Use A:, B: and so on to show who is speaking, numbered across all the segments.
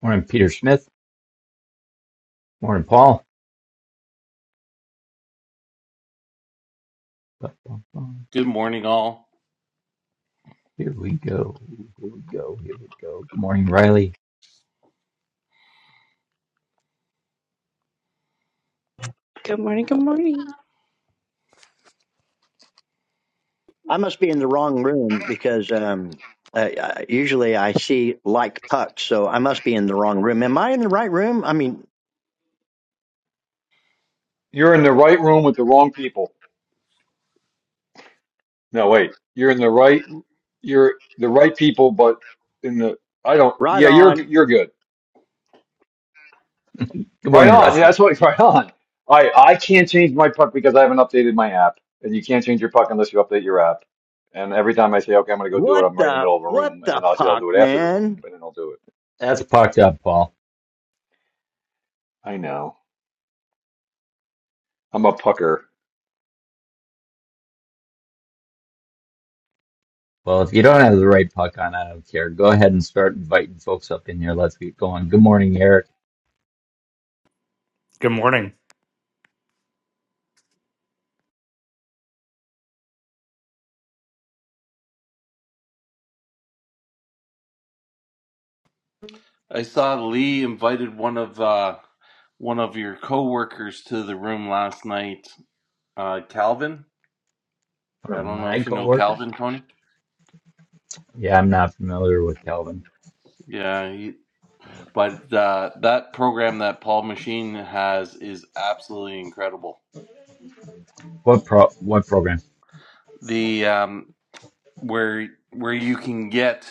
A: Morning, Peter Smith. Morning, Paul. Bum, bum, bum.
B: Good morning, all.
A: Here we go. Here we go. Here we go. Good morning, Riley.
C: Good morning, good morning.
D: I must be in the wrong room because um, uh, usually I see like pucks, so I must be in the wrong room. Am I in the right room? I mean,
E: You're in the right room with the wrong people. No, wait. You're in the right. You're the right people, but in the I don't.
D: right
E: Yeah, you're
D: on.
E: you're good.
A: Good
E: Right
A: morning,
E: on. Yeah,
A: Russell.
E: that's what. Right on. I I can't change my puck because I haven't updated my app, and you can't change your puck unless you update your app. And every time I say, okay, I'm gonna go do it,
D: What
E: I'm right in the
D: the
E: middle of a
D: what
E: room, and
D: the
E: then I'll say I'll
D: puck,
E: do it after the room,
D: man?
E: and then I'll do it.
A: That's pucked up, Paul.
E: I know. I'm a pucker.
A: Well, if you don't have the right puck on, I don't care. Go ahead and start inviting folks up in here. Let's get going. Good morning, Eric.
F: Good morning.
B: I saw Lee invited one of uh, one of your coworkers to the room last night. Uh, Calvin.
A: One of
B: I don't know
A: my
B: if you know
A: coworkers.
B: Calvin, Tony.
A: Yeah, I'm not familiar with Calvin.
B: Yeah, he, but uh, that program that Paul Machine has is absolutely incredible.
A: What pro? What program?
B: The um, where where you can get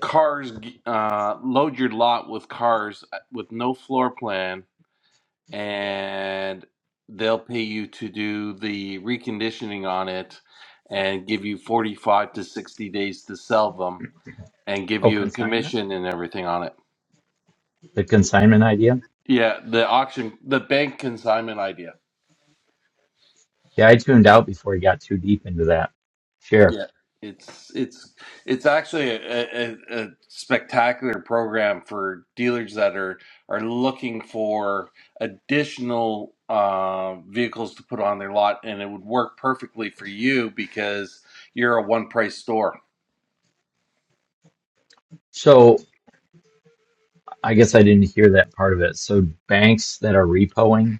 B: cars, uh, load your lot with cars uh, with no floor plan and they'll pay you to do the reconditioning on it and give you 45 to 60 days to sell them and give
A: Oh,
B: you a
A: consignment.
B: commission and everything on it.
A: The consignment idea.
B: Yeah, the auction, the bank consignment idea.
A: Yeah, I tuned out before he got too deep into that. Share.
B: Yeah, it's it's it's actually a, a, a spectacular program for dealers that are are looking for additional uh, vehicles to put on their lot, and it would work perfectly for you because you're a one price store.
A: So I guess I didn't hear that part of it. So banks that are repoing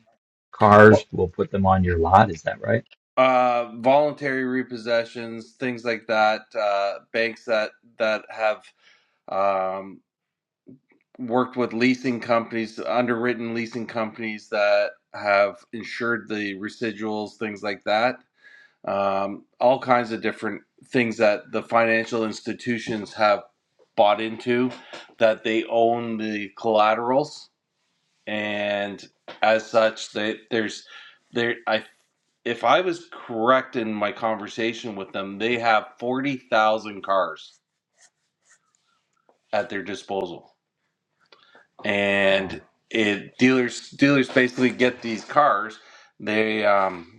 A: cars
B: Well,
A: will put them on your lot. Is that right?
B: uh, voluntary repossessions, things like that, uh, banks that that have. Um, worked with leasing companies, underwritten leasing companies that have insured the residuals, things like that. Um, all kinds of different things that the financial institutions have bought into, that they own the collaterals, and as such, they, there's there. I if I was correct in my conversation with them, they have forty thousand cars at their disposal and
A: Wow.
B: it dealers dealers basically get these cars. They um,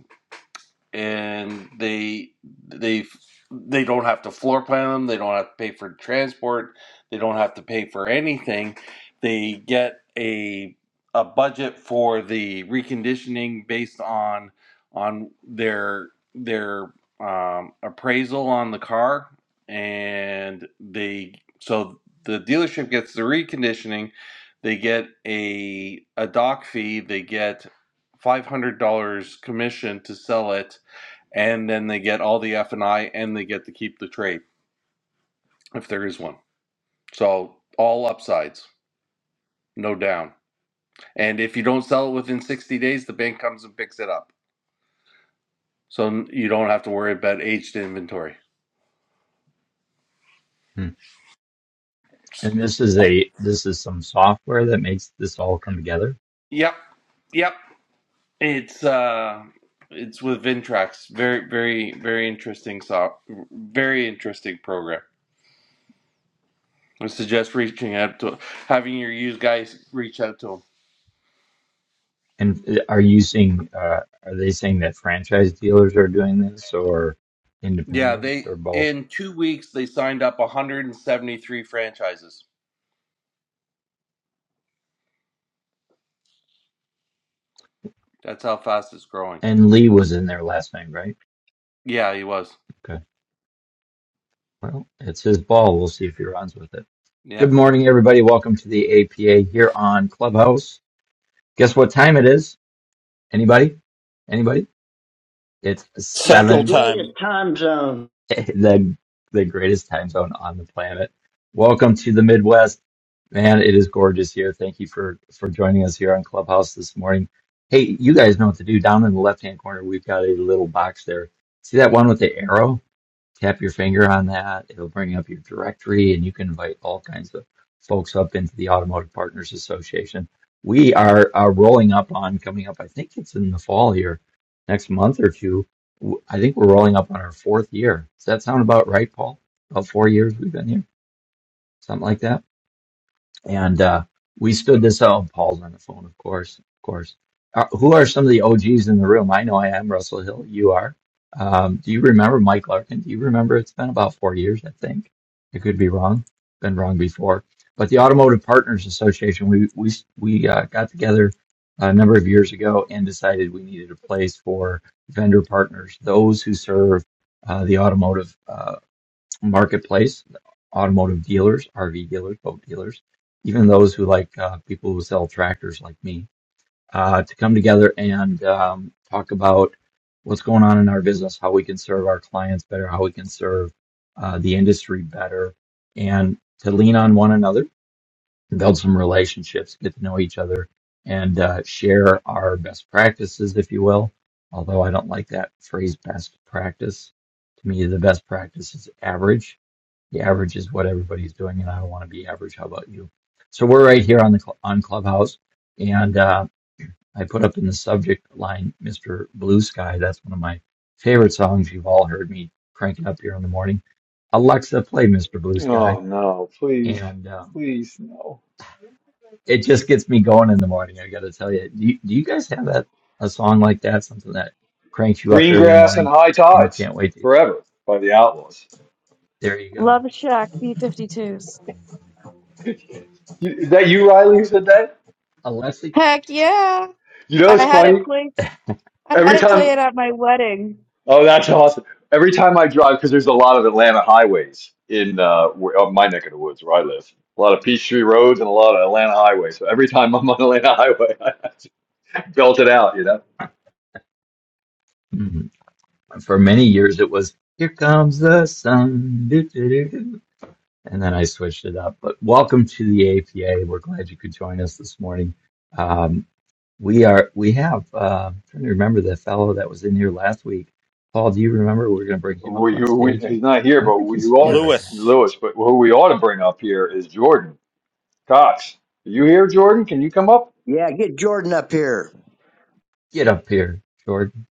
B: and they they they don't have to floor plan them. They don't have to pay for transport. They don't have to pay for anything. They get a a budget for the reconditioning based on on their their um, appraisal on the car, and they so the dealership gets the reconditioning. They get a a dock fee. They get five hundred dollars commission to sell it and then they get all the F and I, and they get to keep the trade if there is one. So all upsides, no down. And if you don't sell it within 60 days, the bank comes and picks it up. So you don't have to worry about aged inventory.
A: Hmm. And this is a this is some software that makes this all come together.
B: Yep, yep. It's uh, it's with Vintrax. Very, very, very interesting. So very interesting program. I suggest reaching out to having your used guys reach out to 'em.
A: And are you seeing? Uh, are they saying that franchise dealers are doing this, or
B: Yeah,
A: independents,
B: they
A: or both?
B: in two weeks they signed up 173 franchises. That's how fast it's growing.
A: And Lee was in there last night, right?
B: Yeah, he was.
A: Okay. Well, it's his ball. We'll see if he runs with it.
B: Yeah.
A: Good morning, everybody. Welcome to the APA here on Clubhouse. Guess what time it is? Anybody? Anybody? It's
D: The
G: Central
D: greatest
G: Time,
A: seven,
D: time zone.
A: the the greatest time zone on the planet. Welcome to the Midwest, man. It is gorgeous here. Thank you for for joining us here on Clubhouse this morning. Hey, you guys know what to do. Down in the left hand corner, we've got a little box there. See that one with the arrow? Tap your finger on that. It'll bring up your directory and you can invite all kinds of folks up into the Automotive Partners Association. We are, are rolling up on coming up, I think it's in the fall here, next month or two. w- I think we're rolling up on our fourth year. Does that sound about right, Paul? About four years we've been here, something like that? and uh, we stood this out. Paul's on the phone, of course, of course. Uh, who are some of the OGs in the room? I know I am Russell Hill. You are. Um, do you remember Mike Larkin? Do you remember? It's been about four years, I think. I could be wrong. Been wrong before. But the Automotive Partners Association, we we we uh, got together a number of years ago and decided we needed a place for vendor partners, those who serve uh, the automotive. Uh, marketplace, automotive dealers, RV dealers, boat dealers, even those who like uh, people who sell tractors like me, uh, to come together and um, talk about what's going on in our business, how we can serve our clients better, how we can serve uh, the industry better, and to lean on one another build some relationships, get to know each other, and uh, share our best practices, if you will. Although I don't like that phrase, best practice. To me, the best practice is average. The average is what everybody's doing, and I don't want to be average. How about you? So we're right here on the cl- on Clubhouse, and uh, I put up in the subject line, "Mr. Blue Sky." That's one of my favorite songs. You've all heard me crank it up here in the morning. Alexa, play "Mr. Blue
E: Oh
A: Sky,"
E: no! Please,
A: and um,
E: please no.
A: it just gets me going in the morning. I gotta tell you, do you, do you guys have that a song like that, something that cranks you up
E: Green
A: every
E: grass and
A: morning
E: high
A: and you
E: tides
A: can't wait to?
E: forever by the Outlaws.
A: There you
C: Love
A: go,
C: Shack B52s.
E: You, is that you, Riley, who said that?
A: Alessi.
C: Heck yeah.
E: You know, it's
C: I had it
E: funny.
C: play I had
E: Every
C: it play it
E: time,
C: at my wedding.
E: oh, that's awesome. Every time I drive, because there's a lot of Atlanta highways in uh, where, uh, my neck of the woods where I live. A lot of Peachtree roads and a lot of Atlanta highways. So every time I'm on Atlanta highway, I belt it out. You know,
A: Mhm. For many years, it was "Here Comes the Sun," doo, doo, doo, doo. and then I switched it up. But welcome to the APA. We're glad you could join us this morning. Um, we are. We have. Uh, I'm trying to remember the fellow that was in here last week. Paul, do you remember? We're going to bring him up
E: we,
A: on
E: we,
A: stage.
E: he's not here,
A: I don't
E: but
A: think
E: we
A: he's here
E: ought
A: right now.
G: Lewis.
E: Lewis. But who we ought to bring up here is Jordan Cox. Are you here, Jordan? Can you come up?
D: Yeah, get Jordan up here.
A: Get up here, Jordan.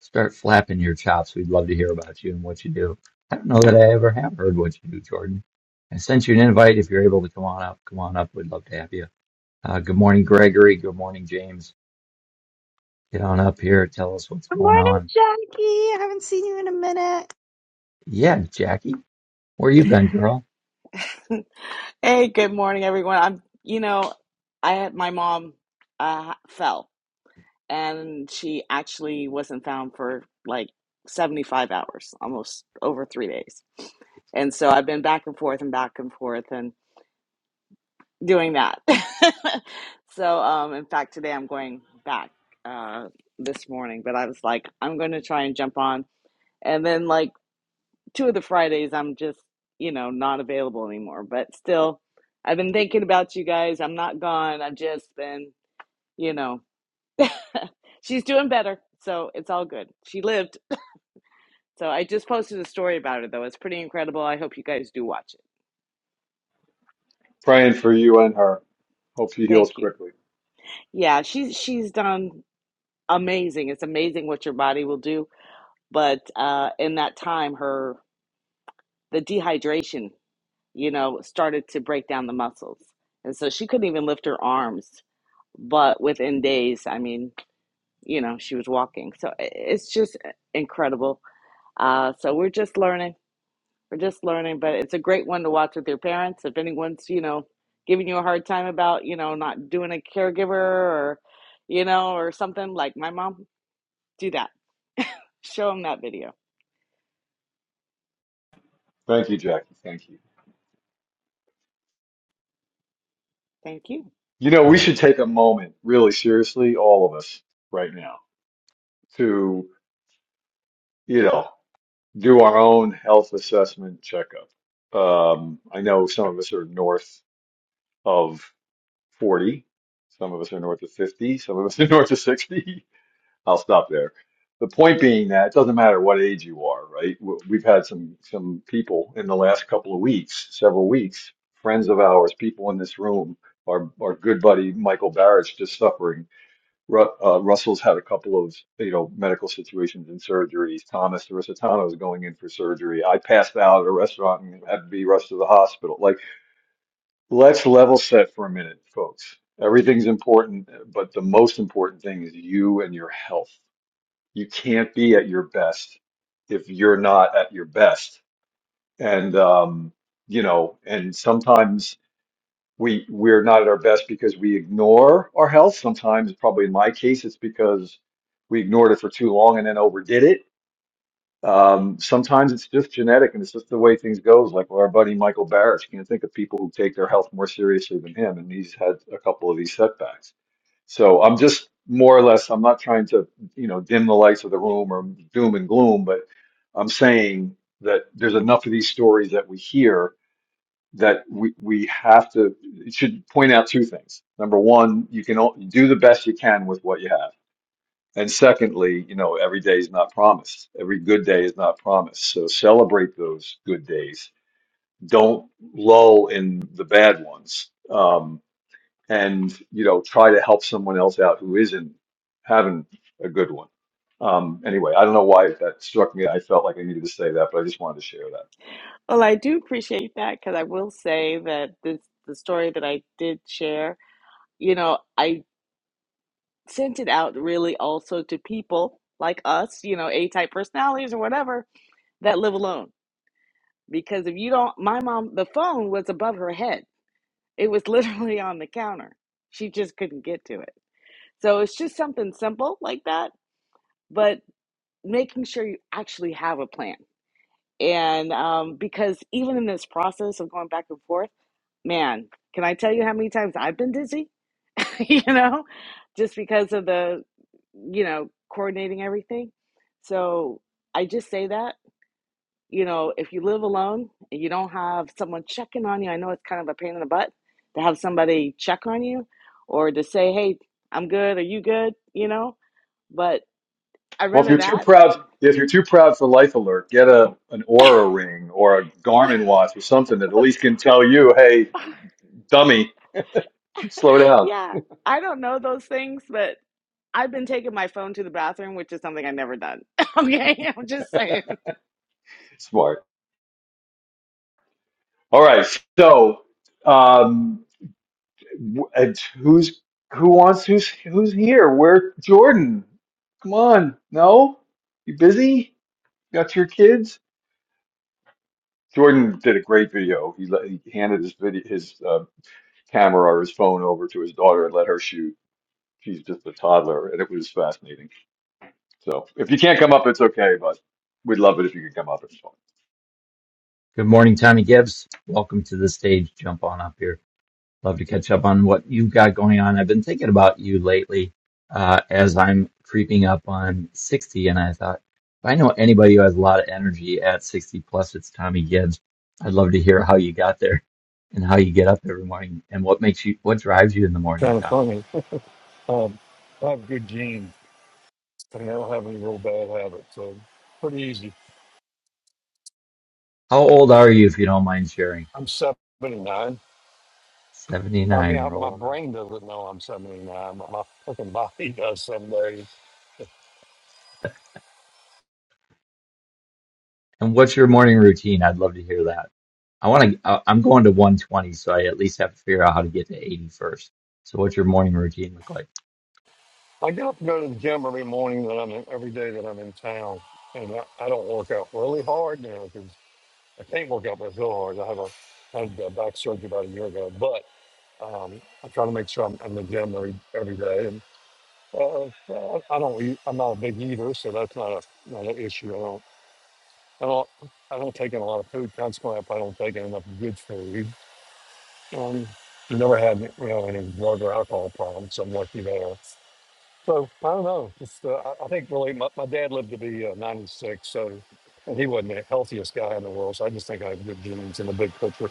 A: Start flapping your chops. We'd love to hear about you and what you do. I don't know that I ever have heard what you do, Jordan. I sent you an invite. If you're able to come on up, come on up. We'd love to have you. Uh, good morning, Gregory. Good morning, James. Get on up here. Tell us what's
C: Good
A: going
C: morning,
A: on.
C: Jackie. I haven't seen you in a minute.
A: Yeah, Jackie. Where you been, girl?
H: Hey, good morning, everyone. I'm, you know, I had my mom uh, fell and she actually wasn't found for like 75 hours, almost over three days. And so I've been back and forth and back and forth and doing that. So, um, in fact, today I'm going back uh, this morning, but I was like, I'm going to try and jump on. And then, like, two of the Fridays I'm just, you know, not available anymore. But still, I've been thinking about you guys. I'm not gone. I've just been, you know, she's doing better. So it's all good. She lived. So I just posted a story about her though. It's pretty incredible. I hope you guys do watch it.
E: Praying for you and her. Hope she heals
H: Thank you.
E: quickly.
H: Yeah, she's she's done amazing. It's amazing what your body will do. But uh in that time her the dehydration, you know, started to break down the muscles. And so she couldn't even lift her arms but within days, I mean, you know, she was walking. So i- it's just incredible. Uh, so we're just learning. We're just learning, but it's a great one to watch with your parents. If anyone's, you know, giving you a hard time about, you know, not doing a caregiver or, you know, or something like my mom, do that. Show them that video.
E: Thank you, Jackie. Thank you.
H: Thank you.
E: You know, we
A: Oh,
E: should take a moment, really seriously, all of us right now, to, you know, do our own health assessment checkup. Um, I know some of us are north of 40, some of us are north of 50, some of us are north of 60. I'll stop there. The point being that it doesn't matter what age you are, right? W- We've had some some people in the last couple of weeks, several weeks, friends of ours, people in this room, our our good buddy Michael Barrich just suffering Ru- uh, Russell's had a couple of you know medical situations and surgeries. Thomas Irisitano is going in for surgery. I passed out at a restaurant and had to be rushed to the hospital. Like, let's level set for a minute, folks. Everything's important, but the most important thing is you and your health. You can't be at your best if you're not at your best. And um, you know, and sometimes we we're not at our best because we ignore our health. Sometimes, probably in my case, it's because we ignored it for too long and then overdid it. Um, sometimes it's just genetic and it's just the way things goes. Like our buddy Michael Barrett, you can think of people who take their health more seriously than him, and he's had a couple of these setbacks. So I'm just more or less, I'm not trying to, you know, dim the lights of the room or doom and gloom, but I'm saying that there's enough of these stories that we hear that we, we have to it should point out two things. Number one, you can o- do the best you can with what you have. And secondly, you know, every day is not promised. Every good day is not promised. So celebrate those good days. Don't lull in the bad ones. Um, and you know try to help someone else out who isn't having a good one. Um, anyway, I don't know why that struck me. I felt like I needed to say that, but I just wanted to share that.
H: Well, I do appreciate that because I will say that this the story that I did share. You know, I sent it out really also to people like us, you know, A type personalities or whatever that live alone. Because if you don't, my mom, the phone was above her head, it was literally on the counter. She just couldn't get to it. So it's just something simple like that, but making sure you actually have a plan. And um, because even in this process of going back and forth, man, can I tell you how many times I've been dizzy? you know, just because of the, you know, coordinating everything. So I just say that, you know, if you live alone and you don't have someone checking on you, I know it's kind of a pain in the butt to have somebody check on you or to say, hey, I'm good, are you good, you know, but I'd
E: Well, if
H: rather
E: you're too
H: that.
E: proud, if you're too proud for Life Alert, get a an Aura ring or a Garmin watch or something that at least can tell you, "Hey, dummy, slow down."
H: yeah, I don't know those things, but I've been taking my phone to the bathroom, which is something I've never done. okay, I'm just saying.
E: Smart. All right, so. Um, And who's who wants who's who's here? Where Jordan? Come on, no, you busy? Got your kids? Jordan did a great video. He, let, he handed his video his uh, camera or his phone over to his daughter and let her shoot. She's just a toddler, and it was fascinating. So if you can't come up, it's okay, but we'd love it if you could come up. It's fun.
A: good morning, Tommy Gibbs. Welcome to the stage. Jump on up here. Love to catch up on what you've got going on. I've been thinking about you lately uh, as I'm creeping up on 60, and I thought, if I know anybody who has a lot of energy at 60 plus, it's Tommy Gibbs. I'd love to hear how you got there and how you get up every morning and what makes you, what drives you in the morning,
I: kind of
A: Tommy.
I: funny. Um, I have good genes, and I don't have any real bad habits, so pretty easy.
A: How old are you, if you don't mind sharing?
I: I'm 79. I mean,
A: 79,
I: I, my
A: rolling up.
I: brain doesn't know I'm 79, but my fucking body does some days.
A: And what's your morning routine? I'd love to hear that. I want to, I'm going to 120, so I at least have to figure out how to get to 80 first. So what's your morning routine look like?
I: I get up to go to the gym every morning that I'm in, every day that I'm in town, and I, I don't work out really hard now because I can't work out real hard. I have a I had a back surgery about a year ago, but um, I try to make sure I'm in the gym every, every day. Uh, I I don't eat. I'm not a big eater, so that's not a not an issue. I don't. I don't. I don't take in a lot of food. Consequently, if I don't take in enough good food, um, I never had you know any drug or alcohol problems. So I'm lucky there. So I don't know. It's, uh, I I think really my, my dad lived to be uh, 96, so and he wasn't the healthiest guy in the world. So I just think I have good genes in the big picture.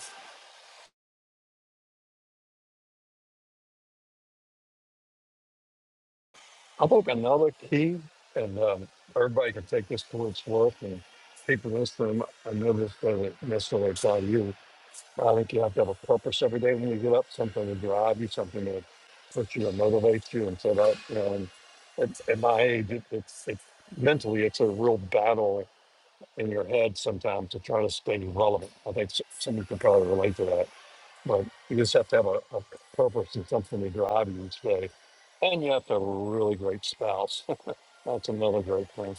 I: I think another key, and um, everybody can take this for what it's worth, and people in this room, I know this doesn't necessarily apply to you I think you have to have a purpose every day when you get up, something to drive you, something to push you and motivate you. And so that, you know, and at, at my age, it, it's, it's mentally, it's a real battle in your head sometimes to try to stay relevant. I think s- some of can probably relate to that, but you just have to have a, a purpose and something to drive you each day. And you have to have a really great spouse. That's another great thing.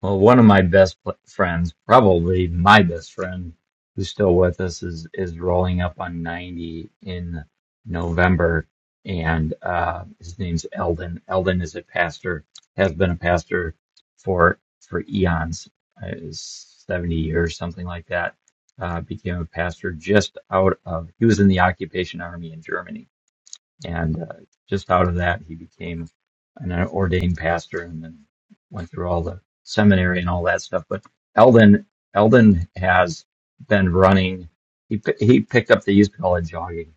A: Well, one of my best pl- friends, probably my best friend, who's still with us, is is rolling up on ninety in November, and uh, his name's Eldon. Eldon is a pastor, has been a pastor for for eons, uh, seventy years, something like that. Uh, became a pastor just out of he was in the occupation army in Germany and uh, just out of that, he became an ordained pastor and then went through all the seminary and all that stuff. But Eldon, Eldon has been running. He pi- he picked up. They used to call it jogging.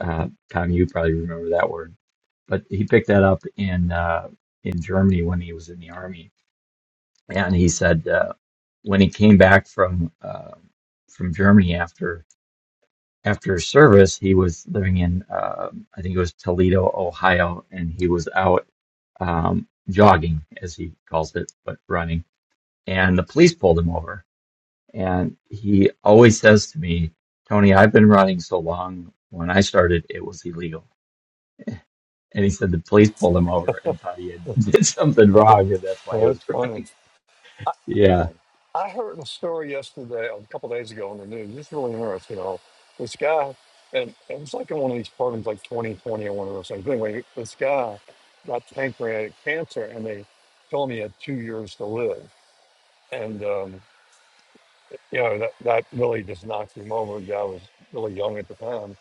A: Uh, Tom, you probably remember that word, but he picked that up in uh, in Germany when he was in the army. And he said uh, when he came back from uh, from Germany after after service, he was living in, uh, I think it was Toledo, Ohio, and he was out um, jogging, as he calls it, but running. And the police pulled him over. And he always says to me, Tony, I've been running so long. When I started, it was illegal. And he said the police pulled him over and thought he had did something wrong, and that's why
I: well,
A: he was
I: that's funny.
A: running. Yeah,
I: I heard a story yesterday, a couple days ago on the news. It's really interesting. You know, this guy, and it was like in one of these programs, like 2020 or one of those things. But anyway, this guy got pancreatic cancer, and they told him he had two years to live. And um, you know, that that really just knocked him over. The guy was really young at the time.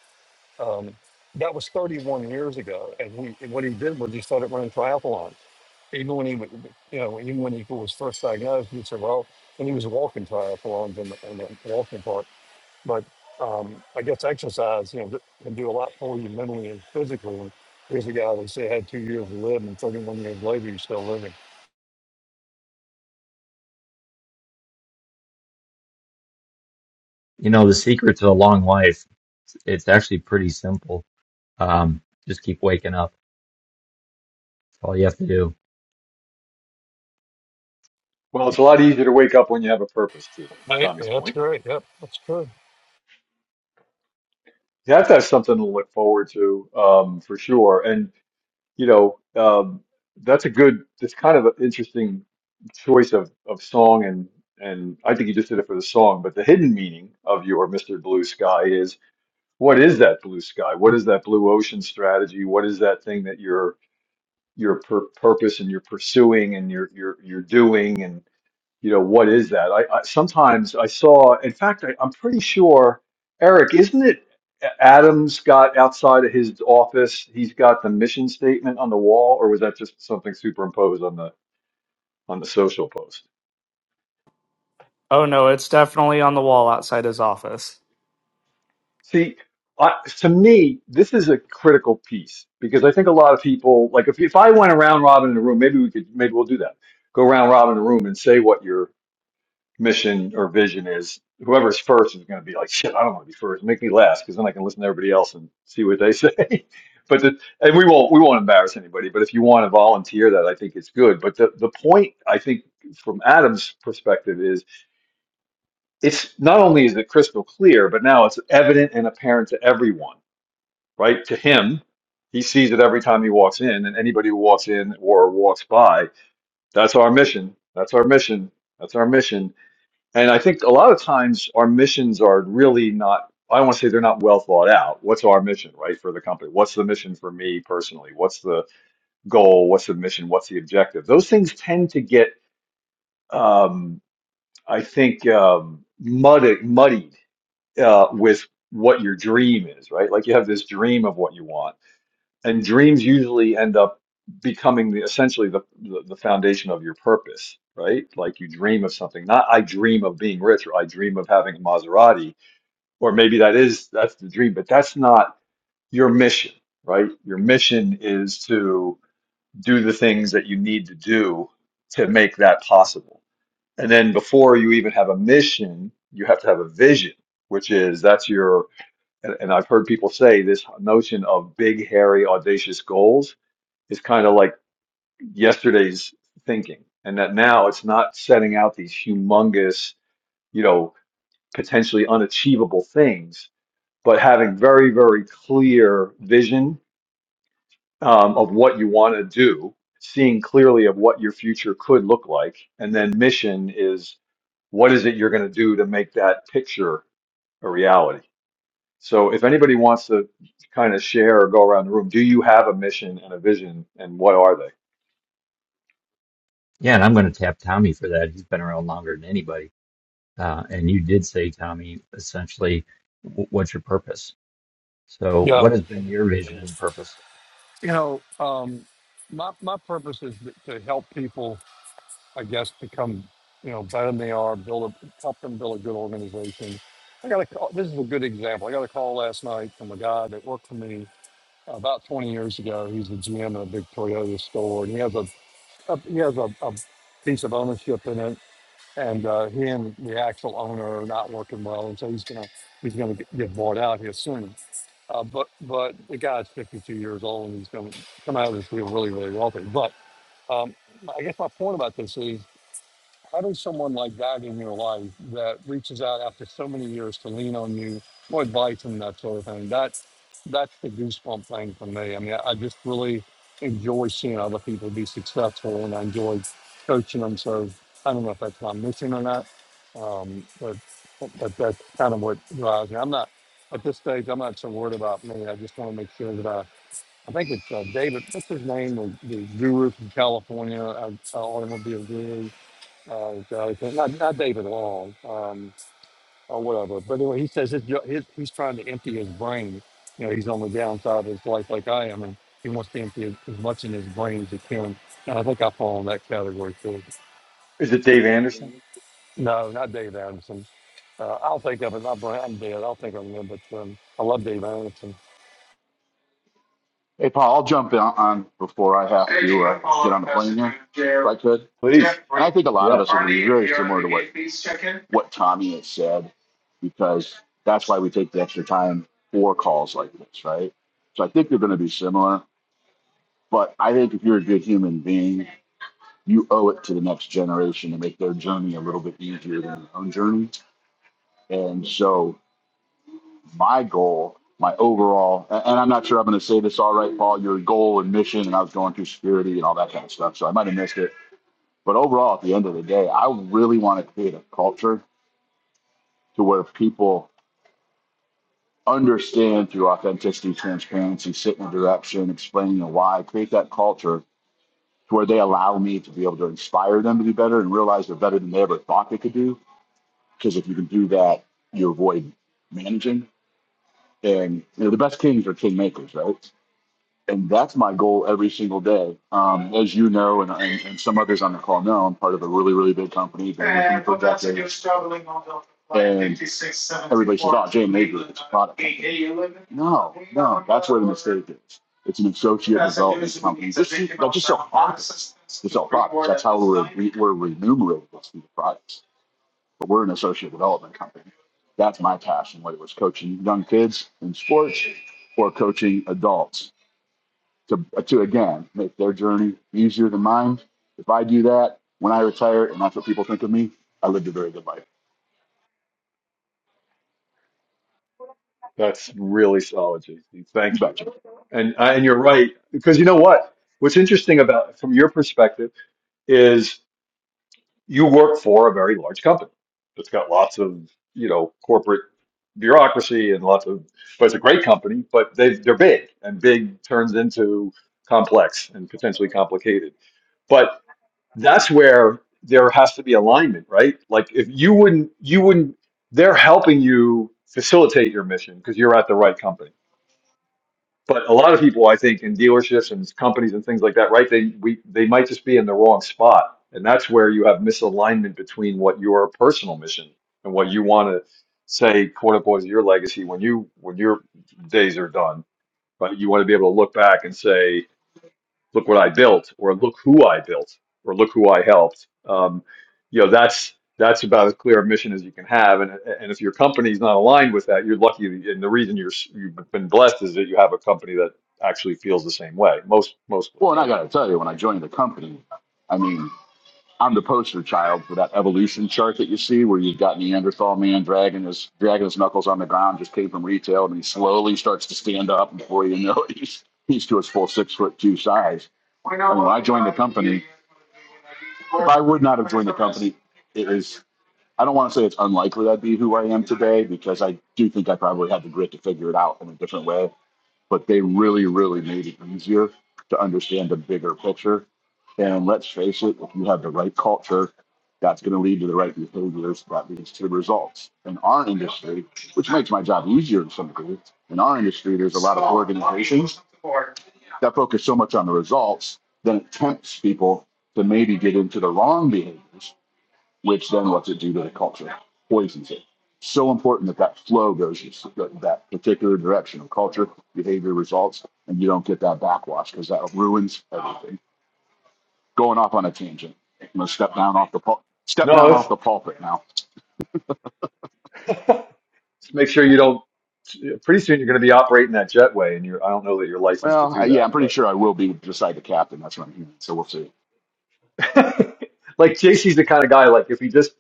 I: Um, that was 31 years ago, and he, and what he did was he started running triathlons even when he, wa- you know, even when he was first diagnosed, he said, well, and he was walking triathlons and, and the walking part. But um, I guess exercise, you know, can do a lot for you mentally and physically. And here's a guy that said had two years to live, and 31 years later, he's still living.
A: you know the secret to a long life. It's actually pretty simple. Um, just keep waking up. That's all you have to do.
E: Well, it's a lot easier to wake up when you have a purpose. To
I: Right,
E: Tommy's
I: That's
E: point,
I: great. Yep, that's true.
E: you have to have something to look forward to um, for sure. and. you know, um, that's a good, that's kind of an interesting choice of, of song. And, and I think you just did it for the song, but the hidden meaning of your Mr. Blue Sky is what is that blue sky? What is that blue ocean strategy? What is that thing that your your pur purpose and you're pursuing and you're you're you're doing? you know what is that i, I sometimes i saw in fact I, i'm pretty sure eric isn't it A- adam's got outside of his office he's got the mission statement on the wall or was that just something superimposed on the on the social post
F: Oh no, it's definitely on the wall outside his office.
E: see I, to me this is a critical piece because i think a lot of people like if, if i went around robin in the room maybe we could maybe we'll do that go round robin in the room and say what your mission or vision is whoever's first is going to be like, shit, I don't want to be first. Make me last because then I can listen to everybody else and see what they say. but the, and we won't we won't embarrass anybody. But if you want to volunteer that, I think it's good. But the, the point I think from Adam's perspective is it's not only is it crystal clear, but now it's evident and apparent to everyone, right? To him, he sees it every time he walks in, and anybody who walks in or walks by, that's our mission. That's our mission. That's our mission and I think a lot of times our missions are really not, I don't want to say they're not well thought out. What's our mission, right, for the company? What's the mission for me personally? What's the goal? What's the mission? What's the objective? Those things tend to get, um, I think, um, muddied, muddied uh, with what your dream is, right? Like you have this dream of what you want and dreams usually end up becoming the essentially the, the the foundation of your purpose right like you dream of something not i dream of being rich or i dream of having a maserati or maybe that is that's the dream but that's not your mission right your mission is to do the things that you need to do to make that possible and then before you even have a mission you have to have a vision which is that's your and, and i've heard people say this notion of big hairy audacious goals is kind of like yesterday's thinking and that now it's not setting out these humongous you know potentially unachievable things but having very very clear vision um, of what you want to do seeing clearly of what your future could look like and then mission is what is it you're going to do to make that picture a reality so if anybody wants to kind of share or go around the room do you have a mission and a vision and what are they
A: Yeah, and I'm going to tap Tommy for that. He's been around longer than anybody. Uh, and you did say, Tommy, essentially, w- what's your purpose? So,
I: Yeah,
A: what has been your vision and purpose?
I: you know, um, my my purpose is to to help people I guess, become you know better than they are, build a help them build a good organization. I got a call. This is a good example. I got a call last night from a guy that worked for me uh, about 20 years ago. He's the GM of a big Toyota store, and he has a, a he has a, a piece of ownership in it. And uh, he and the actual owner are not working well, and so he's gonna he's gonna get get bought out here soon. Uh, but but the guy's 52 years old, and he's gonna come out of this deal really really wealthy. But um, I guess my point about this is how does someone like that in your life that reaches out after so many years to lean on you, no advice and that sort of thing? That that's the goosebump thing for me. I mean, I, I just really enjoy seeing other people be successful, and I enjoy coaching them. So I don't know if that's what I'm missing or not, um, but but that's kind of what drives me. I'm not at this stage. I'm not so worried about me. I just want to make sure that I. I think it's uh, David. What's his name? The, the guru from California, uh, automobile guru uh, uh, not not David Long um, or whatever. But anyway, he says his, jo- his he's trying to empty his brain. You know, he's on the downside of his life like I am, and he wants to empty as, as much in his brain as he can. And I think I fall in that category too.
E: is it dave anderson
I: No, not Dave Anderson. Uh, I'll think of it. My brain, I'm dead. I'll think of him, but um, I love Dave Anderson.
J: Hey, Paul, I'll jump in on before I have to uh, get on the plane here, if I could.
E: Please.
J: And I think a lot of
E: Yeah,
J: us would be very similar to what, what Tommy has said, because that's why we take the extra time for calls like this, right? So I think they're going to be similar. But I think if you're a good human being, you owe it to the next generation to make their journey a little bit easier than your own journey. And so my goal, my overall, and I'm not sure I'm going to say this all right, Paul, your goal and mission, and I was going through security and all that kind of stuff, so I might have missed it. But overall, at the end of the day, I really want to create a culture to where people understand through authenticity, transparency, sitting in direction, explaining the why, create that culture to where they allow me to be able to inspire them to be better and realize they're better than they ever thought they could do. Because if you can do that, you avoid managing. And you know, the best kings are king makers, right? and that's my goal every single day. Um, as you know, and, and, and some others on the call know, I'm part of a really, really big company. Been with them for decades. And everybody says, "Oh, Jay Major, it's a product." No, no, that's where the mistake is. It's an associate development company. They're just sell products. They sell products. That's how we're we're remunerated is through the products. But we're an associate development company. That's my passion, whether it was coaching young kids in sports or coaching adults to to again make their journey easier than mine. If I do that when I retire, and that's what people think of me, I lived a very good life.
E: that's really solid, JC.
J: You
E: Thank you.
J: betcha.
E: And I- and you're right because you know what? What's interesting about from your perspective is you work for a very large company that's got lots of you know corporate bureaucracy and lots of but it's a great company, but they they're big and big turns into complex and potentially complicated. But that's where there has to be alignment, right? Like if you wouldn't, you wouldn't, they're helping you facilitate your mission because you're at the right company. But a lot of people, I think, in dealerships and companies and things like that, right? They we they might just be in the wrong spot, and that's where you have misalignment between what your personal mission and what you want to say, quote unquote, is your legacy when you when your days are done, right? You want to be able to look back and say, look what I built, or look who I built, or look who I helped. Um, you know, that's that's about as clear a mission as you can have. And and if your company's not aligned with that, you're lucky. And the reason you're you've been blessed is that you have a company that actually feels the same way. Most mostly,
J: Well, and I
E: right?
J: gotta tell you, when I joined the company, I mean, I'm the poster child for that evolution chart that you see, where you've got Neanderthal man dragging his dragging his knuckles on the ground, just came from retail, and he slowly starts to stand up, and before you know it, he's he's to his full six foot two size. I mean, when I joined the company, if I would not have joined the company, it is. I don't want to say it's unlikely I'd be who I am today because I do think I probably had the grit to figure it out in a different way. But they really, really made it easier to understand the bigger picture. And let's face it, if you have the right culture, that's going to lead to the right behaviors. That leads to results. In our industry, which makes my job easier in some degree, in our industry, there's a lot of organizations that focus so much on the results, then it tempts people to maybe get into the wrong behaviors which then lets it do to the culture, poisons it. So important that that flow goes that that particular direction of culture, behavior, results, and you don't get that backwash because that ruins everything. Going off on a tangent. I'm gonna step down off the pul- step
E: No,
J: down
E: it's
J: off the pulpit now.
E: just make sure you don't. Pretty soon you're going to be operating that jetway, and you're I don't know that you're licensed to
J: Well, I,
E: do
J: yeah,
E: that,
J: I'm
E: but.
J: pretty sure I will be beside the captain. That's what I'm hearing. So we'll see.
E: like JC's the kind of guy like if he just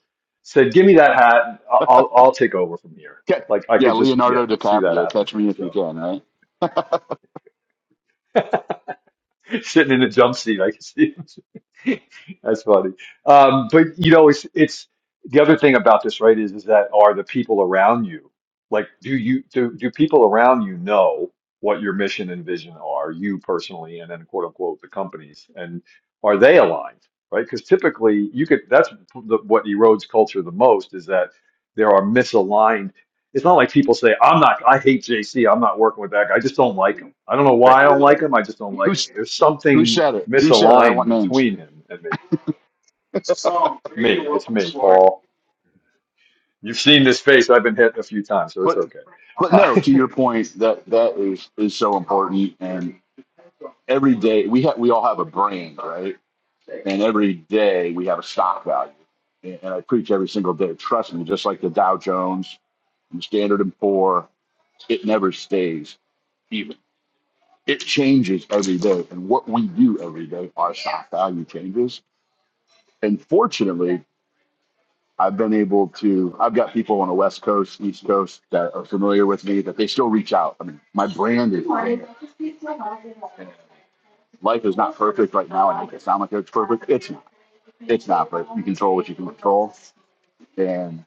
E: said, "Give me that hat, and I- I'll I'll take over from here."
J: Okay.
E: Like I
J: Yeah,
E: could just yeah
J: Leonardo
E: see that
J: DiCaprio,
E: happening.
J: catch me if you
E: so.
J: can, right?
E: sitting in the jump seat. I can see him. That's funny. Um, but you know, it's it's the other thing about this, right? Is is that are the people around you like? Do you do do people around you know what your mission and vision are? You personally, and then quote unquote the companies, and are they aligned? Right? Because typically, you could. That's the, what erodes culture the most is that. There are misaligned. It's not like people say, I'm not, I hate JC. I'm not working with that guy. I just don't like him. I don't know
J: Right.
E: why I don't like him. I just don't like him.
J: Who's
E: There's
J: who
E: something
J: said it? Who said it? I
E: misaligned
J: want names.
E: between him and me. Me. It's me, Paul. You've seen this face. I've been hit a few times, so it's
J: but
E: okay.
J: but
E: Uh,
J: no, to your point, that that is is so important. And every day we have we all have a brand, right? And every day we have a stock value. And and I preach every single day. Trust me, just like the Dow Jones and the Standard and Poor, it never stays even. It changes every day, and what we do every day, our stock value changes. And fortunately, I've been able to, I've got people on the West Coast, East Coast that are familiar with me that they still reach out. I mean, my brand is there. Life is not perfect right now. I make it sound like it's perfect. It's not. It's not, but you control what you can control. And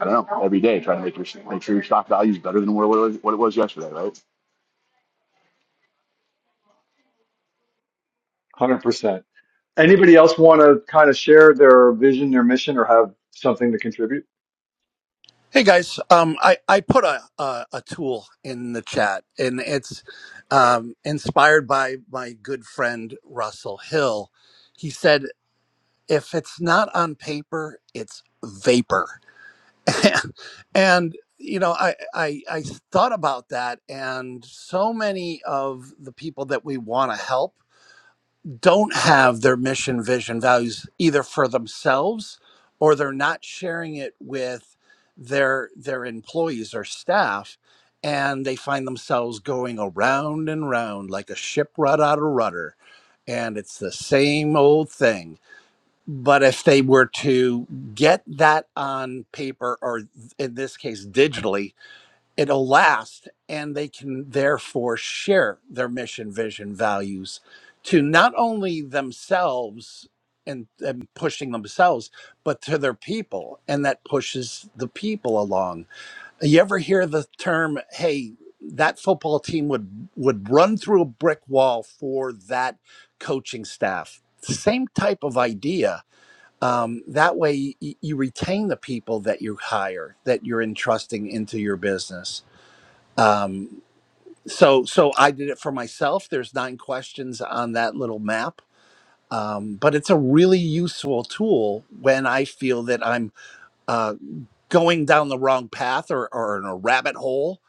J: I don't know, every day try to make your, make sure your stock value is better than what it was, what it was yesterday, right?
E: 100%. Anybody else want to kind of share their vision, their mission, or have something to contribute?
G: Hey guys, um, I I put a, a a tool in the chat, and it's um, inspired by my good friend Russell Hill. He said, "If it's not on paper, it's vapor," and you know, I, I I thought about that, and so many of the people that we want to help. don't have their mission, vision, values either for themselves or they're not sharing it with their their employees or staff and they find themselves going around and round like a ship right out of rudder and it's the same old thing but if they were to get that on paper or in this case digitally it'll last and they can therefore share their mission vision values to not only themselves and, and pushing themselves but to their people and that pushes the people along you ever hear the term hey that football team would would run through a brick wall for that coaching staff same type of idea um, that way y- you retain the people that you hire that you're entrusting into your business um, so so i did it for myself there's nine questions on that little map um, but it's a really useful tool when i feel that i'm uh, going down the wrong path or, or in a rabbit hole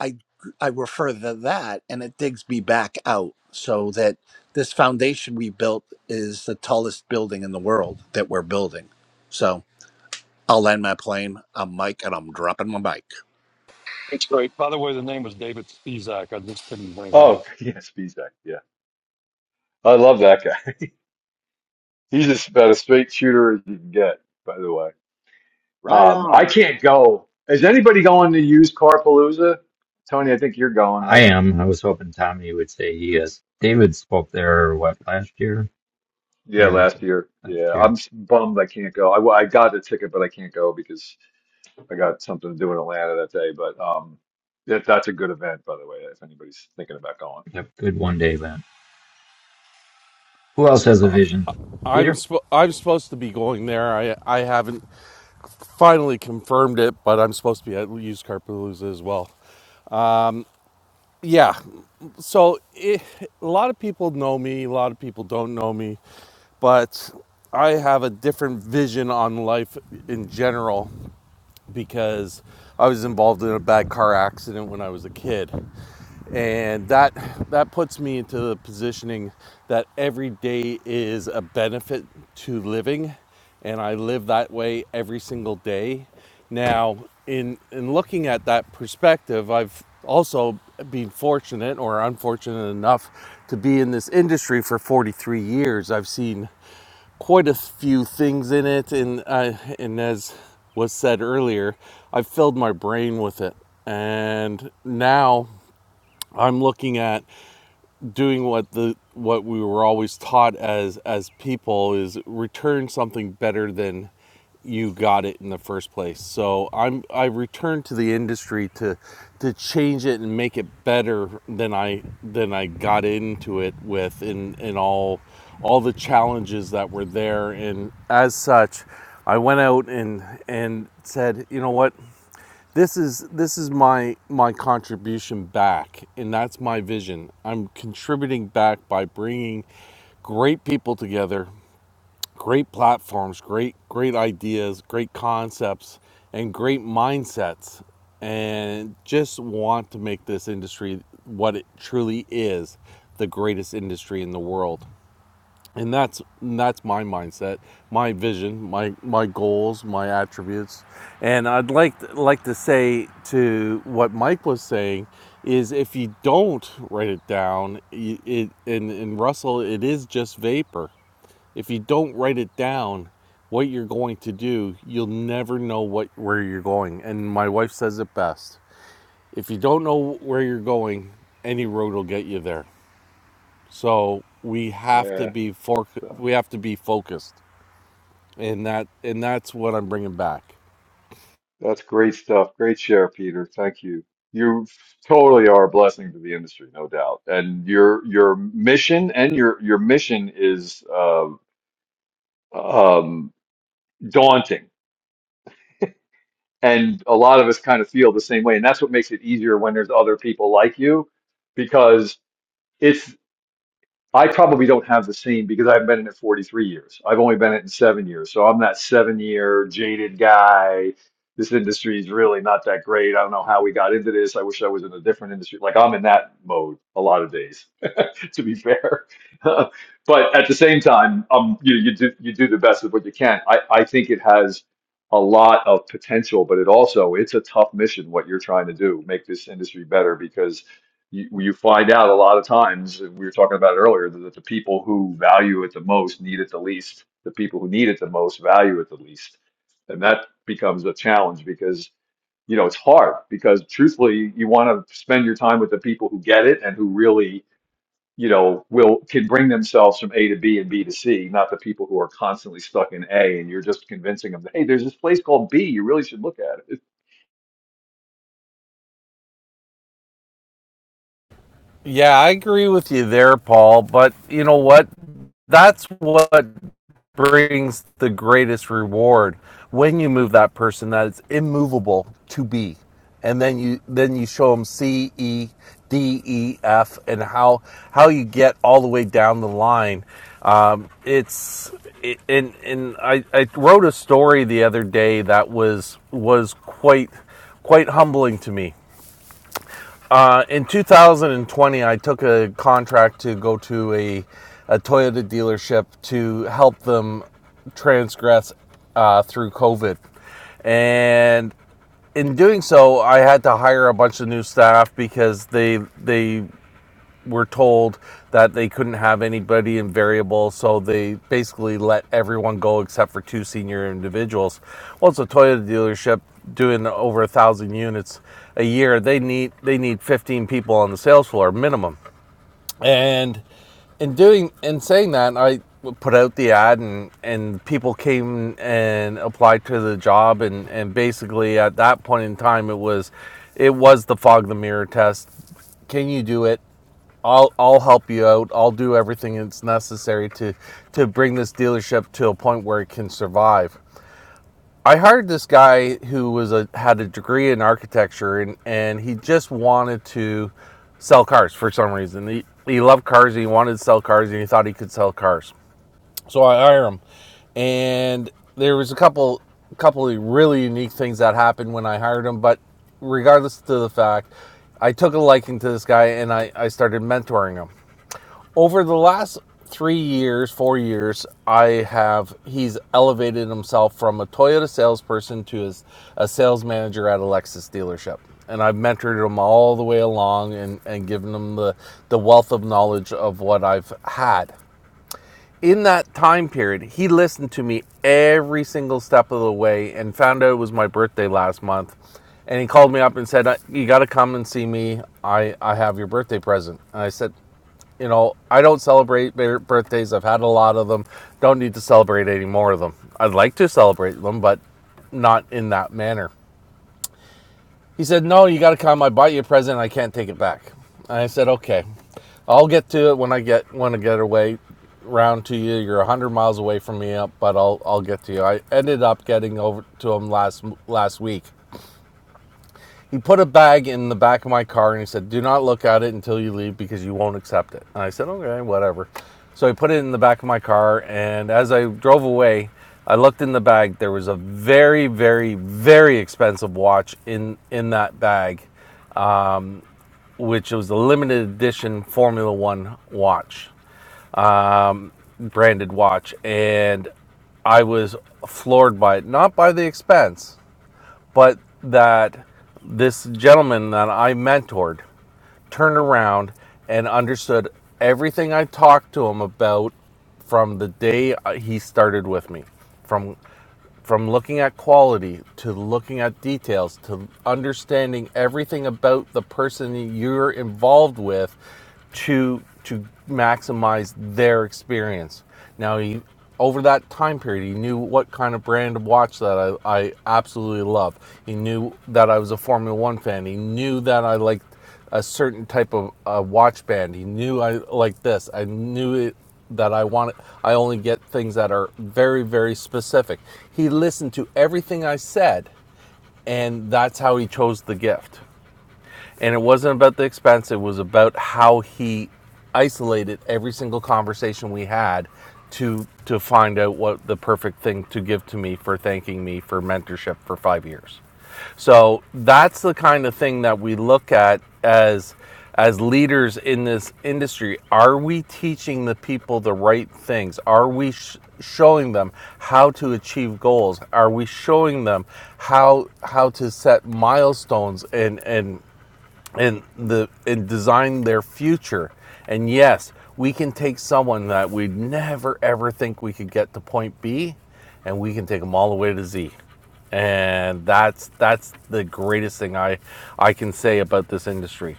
G: i i refer to that and it digs me back out so that this foundation we built is the tallest building in the world that we're building so i'll land my plane i'm mike and i'm dropping my mic
I: By the way, the name was David Spizak. I just couldn't bring it.
E: Oh, yes, Bezak. Yeah. I love that guy. He's just about as straight shooter as you can get, by the way.
D: Right
E: Um, I
D: on.
E: can't go. Is anybody going to use Carpalooza? Tony, I think you're going,
A: I
E: right?
A: am. I was hoping Tommy would say he is. David spoke there, what, last year?
E: Yeah,
A: Year
E: last
A: before?
E: year.
A: Last
E: Yeah, I'm
A: year.
E: s- bummed I can't go. I, w- I got a ticket, but I can't go because I got something to do in Atlanta that day. But um, that, that's a good event, by the way, if anybody's thinking about going.
A: Yep, good one day event. Who else has a vision?
B: I'm
A: Peter?
B: sp- I'm supposed to be going there. I I haven't finally confirmed it, but I'm supposed to be at Used Car Palooza as well. Yeah. So it, a lot of people know me. A lot of people don't know me, but I have a different vision on life in general because I was involved in a bad car accident when I was a kid, and that that puts me into the positioning that every day is a benefit to living and i live that way every single day now in in looking at that perspective i've also been fortunate or unfortunate enough to be in this industry for 43 years i've seen quite a few things in it and uh, and as was said earlier i've filled my brain with it and now I'm looking at doing what the what we were always taught as as people is return something better than you got it in the first place. So I'm I returned to the industry to to change it and make it better than I than I got into it with in in all all the challenges that were there and as such I went out and and said, you know what, this is this is my my contribution back and that's my vision i'm contributing back by bringing great people together great platforms great great ideas great concepts and great mindsets and just want to make this industry what it truly is the greatest industry in the world and that's that's my mindset my vision my my goals my attributes and i'd like to, like to say to what mike was saying is if you don't write it down you- it and and russell it is just vapor if you don't write it down what you're going to do you'll never know what where you're going and my wife says it best if you don't know where you're going any road will get you there so we have to
E: Yeah,
B: be
E: good
B: for
E: stuff.
B: we have to be focused, and that and that's what I'm bringing back.
E: That's great stuff. Great share, Peter. Thank you. You totally are a blessing to the industry, no doubt. And your your mission and your your mission is uh, um, daunting And a lot of us kind of feel the same way. And that's what makes it easier when there's other people like you because it's I probably don't have the same because I've been in it 43 years. I've only been in it in seven years. So I'm that seven year jaded guy. This industry is really not that great. I don't know how we got into this. I wish I was in a different industry. Like I'm in that mode a lot of days, to be fair. but at the same time, um, you, you do you do the best with what you can. I, I think it has a lot of potential, but it also it's a tough mission what you're trying to do, make this industry better because you, you find out a lot of times, we were talking about it earlier, that the people who value it the most need it the least. The people who need it the most value it the least. And that becomes a challenge because, you know, it's hard because truthfully, you want to spend your time with the people who get it and who really, you know, will can bring themselves from A to B and B to C, not the people who are constantly stuck in A and you're just convincing them, hey, there's this place called B, you really should look at it.
B: Yeah, I agree with you there, Paul. But you know what? That's what brings the greatest reward when you move that person that is immovable to be, and then you then you show them C E D E F and how how you get all the way down the line. Um, it's it, and and I, I wrote a story the other day that was was quite quite humbling to me uh, in 2020, I took a contract to go to a, a Toyota dealership to help them transgress uh, through COVID. And in doing so, I had to hire a bunch of new staff because they they were told that they couldn't have anybody in variable, so they basically let everyone go except for two senior individuals. Well, it's a Toyota dealership doing over a thousand units a year. They need they need fifteen people on the sales floor minimum, and in doing in saying that, I put out the ad, and and people came and applied to the job, and and basically at that point in time, it was it was the fog the mirror test can you do it I'll I'll help you out. I'll do everything that's necessary to to bring this dealership to a point where it can survive. I hired this guy who was a had a degree in architecture and and he just wanted to sell cars for some reason. He he loved cars and he wanted to sell cars and he thought he could sell cars. So I hire him. And there was a couple couple of really unique things that happened when I hired him, but regardless to the fact, I took a liking to this guy and I, I started mentoring him over the last three years, four years, I have he's elevated himself from a Toyota salesperson to his, a sales manager at a Lexus dealership. And I've mentored him all the way along and, and given him the, the wealth of knowledge of what I've had in that time period, he listened to me every single step of the way and found out it was my birthday last month. And he called me up and said, "Uh, You got to come and see me. I, I have your birthday present. And I said, You know, I don't celebrate birthdays. I've had a lot of them. Don't need to celebrate any more of them. I'd like to celebrate them, but not in that manner. He said, No, you got to come. I bought you a present. I can't take it back. And I said, Okay, I'll get to it when I get when I get away round to you. You're 100 miles away from me, up, but I'll I'll get to you. I ended up getting over to him last last week. He put a bag in the back of my car and he said, "Do not look at it until you leave because you won't accept it." And I said, "Okay, whatever." So I put it in the back of my car, and as I drove away, I looked in the bag. There was a very, very, very expensive watch in in that bag which was a limited edition Formula One watch, branded watch, and I was floored by it. Not by the expense, but that this gentleman that I mentored turned around and understood everything I talked to him about from the day uh, he started with me, from from looking at quality to looking at details to understanding everything about the person that you're involved with to to maximize their experience. Now he over that time period he knew what kind of brand of watch that I, I absolutely love. He knew that I was a Formula One fan. He knew that I liked a certain type of uh, watch band. He knew I like this. I knew it, that I wanted. I only get things that are very, very specific. He listened to everything I said, and that's how he chose the gift. And it wasn't about the expense, it was about how he isolated every single conversation we had to to find out what the perfect thing to give to me for thanking me for mentorship for 5 years. So that's the kind of thing that we look at as as leaders in this industry. Are we teaching the people the right things? Are we sh- showing them how to achieve goals? Are we showing them how how to set milestones and and and the and design their future. And yes, we can take someone that we'd never ever think we could get to point B, and we can take them all the way to Z. And that's that's the greatest thing I I can say about this industry.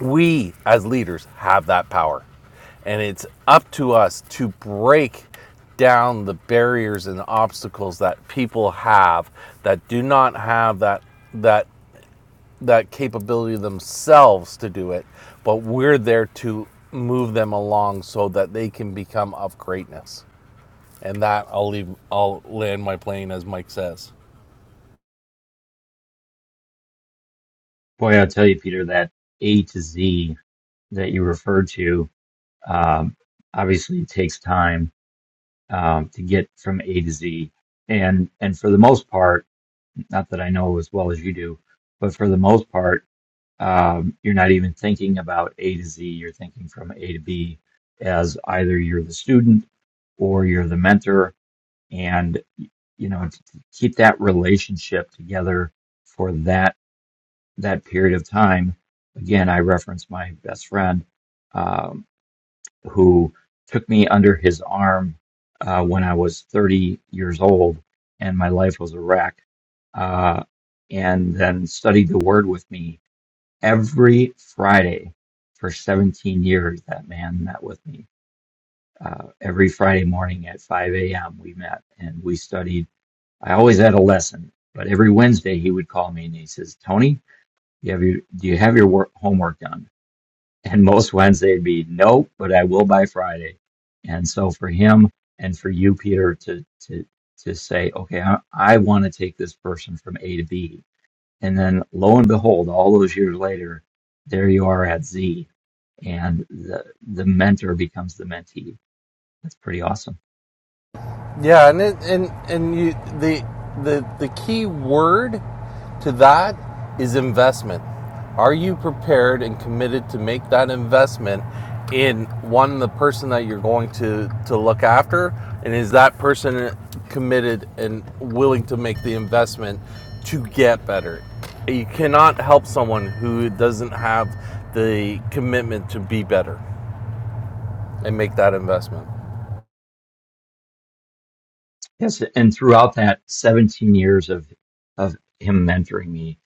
B: We as leaders have that power. And it's up to us to break down the barriers and obstacles that people have that do not have that that that capability themselves to do it, but we're there to move them along so that they can become of greatness. And that I'll leave. I'll land my plane, as Mike says.
A: Boy, I'll tell you, Peter, that A to Z that you referred to um, obviously takes time um, to get from A to Z. And and for the most part, not that I know as well as you do, but for the most part, um, you're not even thinking about A to Z. You're thinking from A to B as either you're the student or you're the mentor, and you know to to keep that relationship together for that that period of time. Again, I reference my best friend. Um, who took me under his arm uh, when I was 30 years old and my life was a wreck, uh, and then studied the Word with me every Friday for 17 years. That man met with me uh, every Friday morning at 5 a.m. We met and we studied. I always had a lesson, but every Wednesday he would call me and he says, "Tony, you have your do you have your work, homework done?" And most Wednesday would be nope, but I will by Friday. And so for him and for you, Peter, to to to say, okay, I, I want to take this person from A to B, and then lo and behold, all those years later, there you are at Z, and the the mentor becomes the mentee. That's pretty awesome.
B: Yeah, and it, and and you the the the key word to that is investment. Are you prepared and committed to make that investment in one the person that you're going to to look after, and is that person committed and willing to make the investment to get better? You cannot help someone who doesn't have the commitment to be better and make that investment.
A: Yes, and throughout that 17 years of of him mentoring me,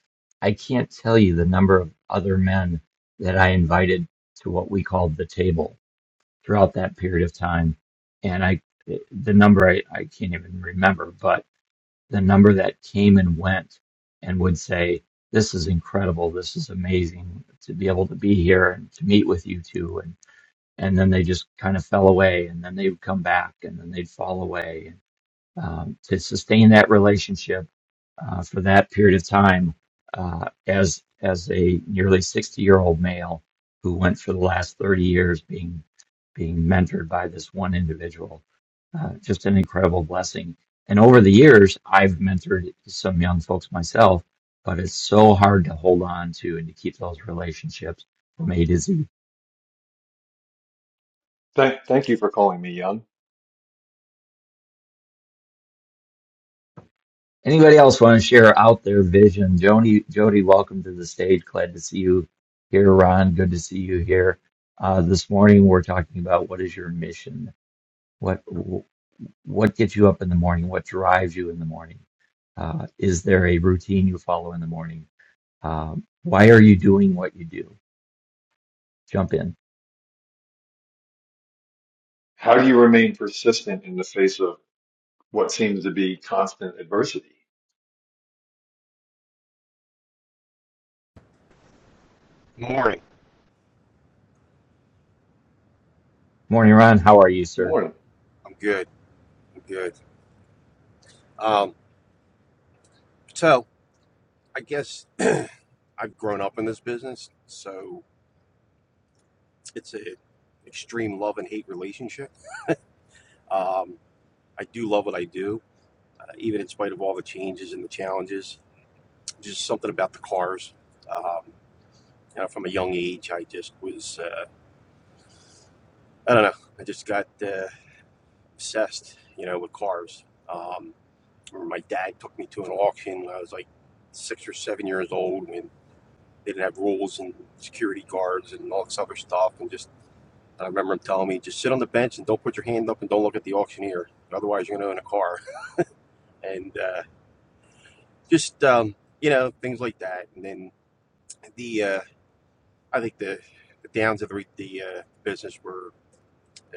A: I can't tell you the number of other men that I invited to what we called the table throughout that period of time. And I, the number I, I can't even remember, but the number that came and went and would say, this is incredible. This is amazing to be able to be here and to meet with you two," And, and then they just kind of fell away and then they would come back and then they'd fall away. Um, to sustain that relationship uh, for that period of time uh, as, as a nearly 60 year old male who went for the last 30 years being being mentored by this one individual. Uh, just an incredible blessing. And over the years, I've mentored some young folks myself, but it's so hard to hold on to and to keep those relationships from A to Z.
E: Thank, thank you for calling me young.
A: Anybody else want to share out their vision? Jody, Jody, welcome to the stage. Glad to see you here, Ron. Good to see you here. Uh, this morning, we're talking about what is your mission? What what gets you up in the morning? What drives you in the morning? Uh, is there a routine you follow in the morning? Uh, why are you doing what you do? Jump in.
E: How do you remain persistent in the face of what seems to be constant adversity.
K: Morning.
A: Morning, Ron. How are you,
E: Good
A: sir?
E: morning.
K: I'm good. I'm good. Um, so I guess I've grown up in this business, so it's a extreme love and hate relationship. Um, I do love what I do, uh, even in spite of all the changes and the challenges. Just something about the cars. Um, you know, from a young age, I just was. Uh, I don't know. I just got uh, obsessed. You know, with cars. Um, I remember my dad took me to an auction when I was like six or seven years old, when They didn't have rules and security guards and all this other stuff. And just, I remember him telling me, just sit on the bench and don't put your hand up and don't look at the auctioneer. Otherwise, you're going to own a car. And uh, just, um, you know, things like that. And then the, uh, I think the, the downs of the, the uh, business were,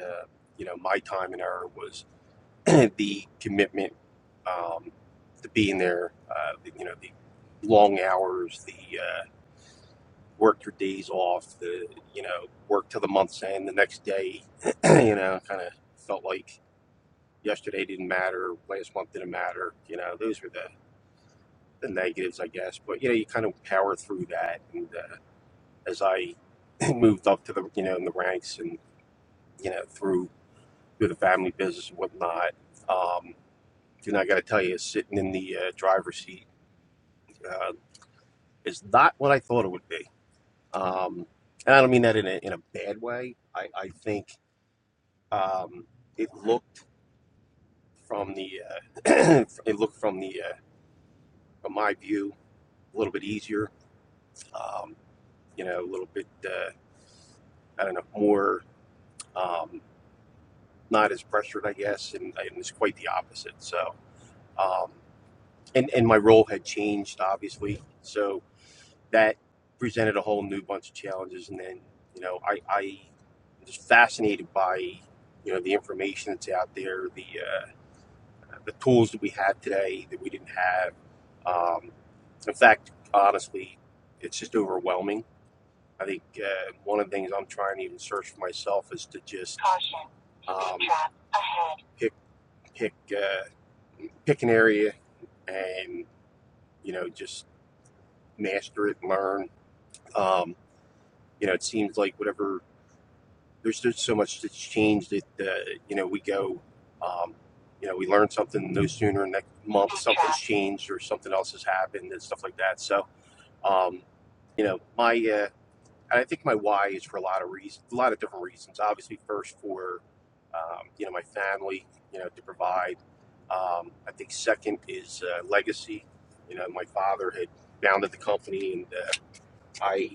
K: uh, you know, my time and error was the commitment um, to being there, uh, you know, the long hours, the, uh, work your days off, the you know, work till the month's end, the next day, you know, kind of felt like yesterday didn't matter, last month didn't matter. You know, those were the the negatives, I guess. But you know, you kind of power through that. And uh, as I moved up to the you know in the ranks and you know through through the family business and whatnot, um, you know, I got to tell you, sitting in the uh, driver's seat uh, is not what I thought it would be. Um, and I don't mean that in a, in a bad way. I, I think Um, it looked from the uh, it looked from the uh, from my view a little bit easier. Um, you know, a little bit uh, I don't know more um, not as pressured, I guess, and, and it's quite the opposite. So, um, and and my role had changed obviously, so that presented a whole new bunch of challenges. And then you know, I I was fascinated by you know the information that's out there, the uh, the tools that we have today that we didn't have. Um, in fact, honestly, it's just overwhelming. I think uh, one of the things I'm trying to even search for myself is to just um, pick pick uh, pick an area and you know just master it, and learn. Um, you know, it seems like whatever there's just so much that's changed that uh, you know we go. Um, you know, we learn something no sooner next month something's changed or something else has happened and stuff like that. So, um, you know my uh, i think my why is for a lot of reasons a lot of different reasons obviously first for um, you know my family you know to provide um, i think second is uh, legacy you know my father had founded the company and uh, i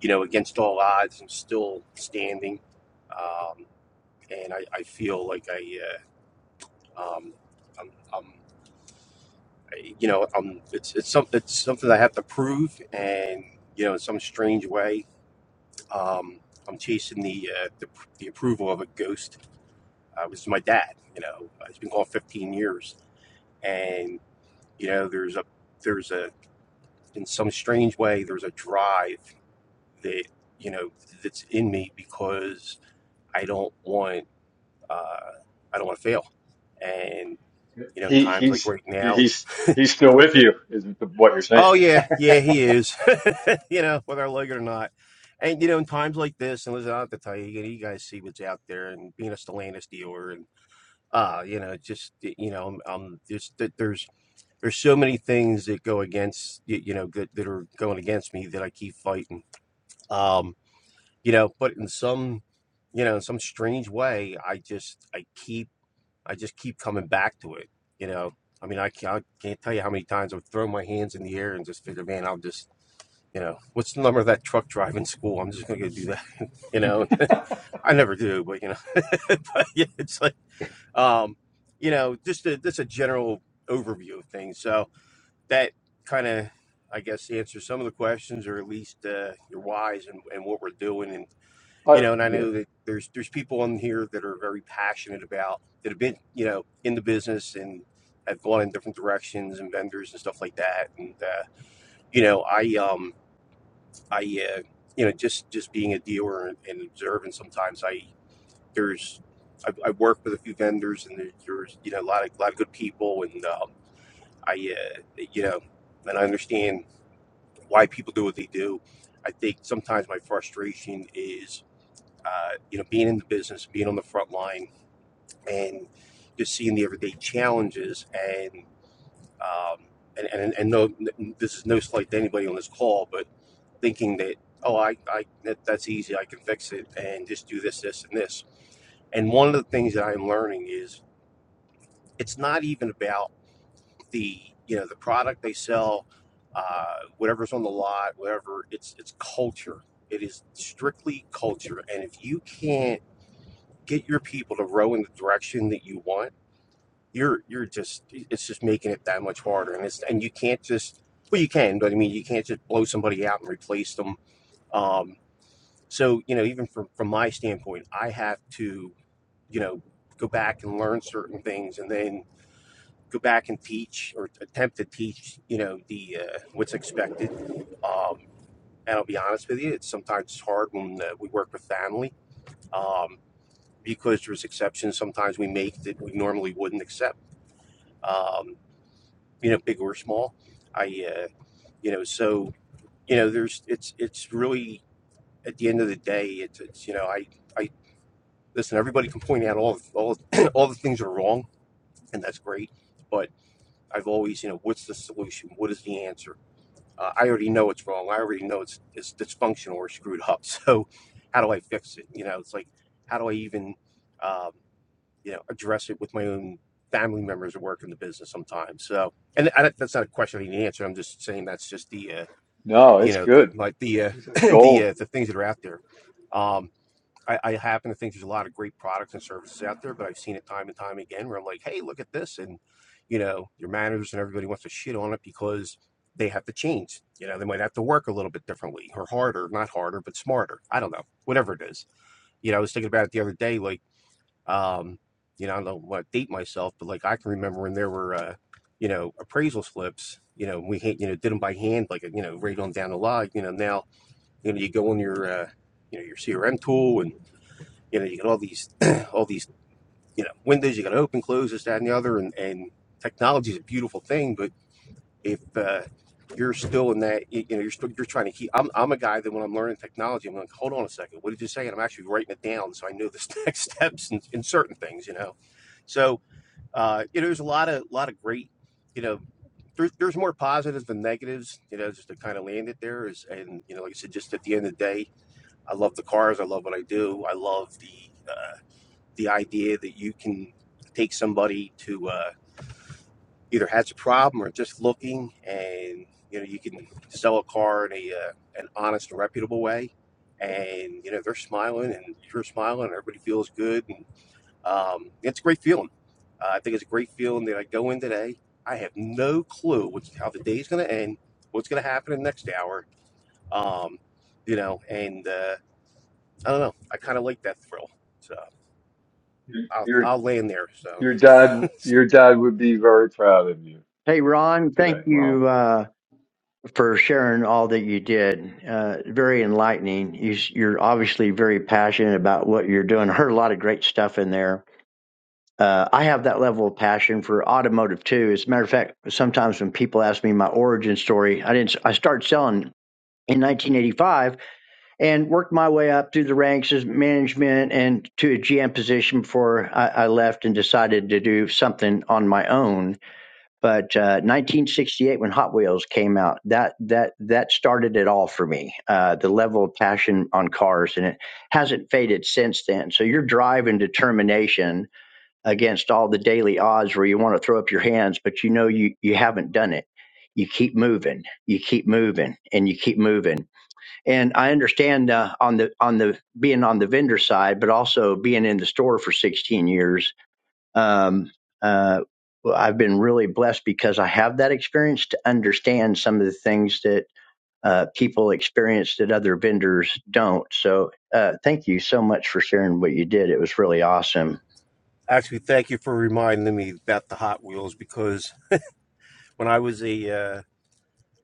K: you know against all odds i'm still standing um, and I, I feel like i uh, um, I'm, I'm I- you know, um, it's it's something it's something I have to prove, and you know, in some strange way, Um, I'm chasing the, uh, the the approval of a ghost. Uh, it was my dad. You know, uh, he's been gone 15 years, and you know, there's a there's a in some strange way there's a drive that you know that's in me because I don't want uh, I don't want to fail, and you know, in
E: He
K: times like
E: he's
K: right now, and
E: he's he's still with you, is what you're
K: oh
E: saying.
K: yeah, yeah, he is. you know, whether I like it or not. And you know, in times like this, and listen, I have to tell you, you guys see what's out there, and being a Stellantis dealer, and uh you know just you know um, am just that there's there's so many things that go against y- you know that, that are going against me that i keep fighting um you know but in some you know in some strange way i just i keep i just keep coming back to it you know i mean i can't, I can't tell you how many times i've thrown my hands in the air and just figure man i'll just you know what's the number of that truck driving school i'm just gonna go do that you know i never do but you know but yeah, it's like um, you know, just a, just a general overview of things. So that kind of, I guess, answers some of the questions, or at least uh, your whys and, and what we're doing. And you
E: But
K: know, and I
E: yeah,
K: know that there's there's people on here that are very passionate about that have been you know in the business and have gone in different directions and vendors and stuff like that. And uh, you know, I um I uh, you know just just being a dealer and, and observing sometimes I there's I've, I've worked with a few vendors and there- there's you know a lot of a lot of good people and um, I uh, you know and I understand why people do what they do. I think sometimes my frustration is uh, you know being in the business, being on the front line, and just seeing the everyday challenges and um, and and, and no, this is no slight to anybody on this call, but thinking that oh I, I that, that's easy, I can fix it, and just do this, this, and this. And one of the things that I'm learning is it's not even about the you know the product they sell uh, whatever's on the lot whatever it's it's culture it is strictly culture and if you can't get your people to row in the direction that you want you're you're just it's just making it that much harder and it's and you can't just well you can but i mean you can't just blow somebody out and replace them um, so you know even from from my standpoint i have to you know go back and learn certain things and then go back and teach or attempt to teach, you know, the uh, what's expected. Um, and I'll be honest with you, it's sometimes hard when uh, we work with family um, because there's exceptions sometimes we make that we normally wouldn't accept, um, you know, big or small. I, uh, you know, so you know, there's it's it's really at the end of the day, it's, it's you know, I I listen. Everybody can point out all all all the things that are wrong, and that's great, but I've always, you know, what's the solution? What is the answer? Uh, I already know it's wrong. I already know it's it's dysfunctional or screwed up. So how do I fix it? You know, it's like how do I even um, you know address it with my own family members who work in the business sometimes. So and I, that's not a question I need to answer. I'm just saying that's just the uh,
E: no,
K: you
E: it's
K: know the,
E: good.
K: like the uh,
E: This is
K: the
E: gold.
K: uh, the things that are out there. Um, I, I happen to think there's a lot of great products and services out there, but I've seen it time and time again where I'm like, hey, look at this. And, you know, your managers and everybody wants to shit on it because they have to change. You know, they might have to work a little bit differently or harder, not harder, but smarter. I don't know, whatever it is. You know, I was thinking about it the other day, like, um, you know, I don't want to date myself, but like I can remember when there were, uh, you know, appraisal slips, you know, we, you know, did them by hand, like, you know, right on down the log, you know, now, you know, you go on your, uh, you know, your CRM tool and. You know, you got all these, all these, you know, windows you got to open, close, this, that, and the other. And, and technology is a beautiful thing, but if uh, you're still in that, you, you know, you're still you're trying to keep. I'm, I'm a guy that when I'm learning technology, I'm like, hold on a second, what did you say? And I'm actually writing it down so I know the next steps in, in certain things, you know. So, uh, you know, there's a lot of lot of great, you know, there's, there's more positives than negatives, you know, just to kind of land it there is, and you know, like I said, just at the end of the day, I love the cars, I love what I do, I love the. uh, the idea that you can take somebody to uh, either has a problem or just looking, and you know you can sell a car in a uh, an honest and reputable way, and you know they're smiling and you're smiling, and everybody feels good, and um, it's a great feeling. Uh, I think it's a great feeling that I go in today. I have no clue what's, how the day's going to end, what's going to happen in the next hour, um, you know, and uh, I don't know. I kind of like that thrill, so I'll
E: Your
K: I'll land there. So.
E: your dad your dad would be very proud of you
D: Hey, Ron,
E: today,
D: thank
E: Ron.
D: you uh, for sharing all that you did. Uh, very enlightening. You, you're obviously very passionate about what you're doing. I heard a lot of great stuff in there uh, I have that level of passion for automotive too. As a matter of fact, sometimes when people ask me my origin story, I didn't. I started selling in 1985 and worked my way up through the ranks as management and to a GM position before I, I left and decided to do something on my own. But uh, 1968, when Hot Wheels came out, that that that started it all for me. Uh, the level of passion on cars, and it hasn't faded since then. So your drive and determination against all the daily odds where you want to throw up your hands, but you know you, you haven't done it. You keep moving, you keep moving, and you keep moving. And I understand uh, on the on the being on the vendor side, but also being in the store for 16 years. Um, uh, well, I've been really blessed because I have that experience to understand some of the things that uh, people experience that other vendors don't. So uh, thank you so much for sharing what you did. It was really awesome.
K: Actually, thank you for reminding me about the Hot Wheels because when I was a uh,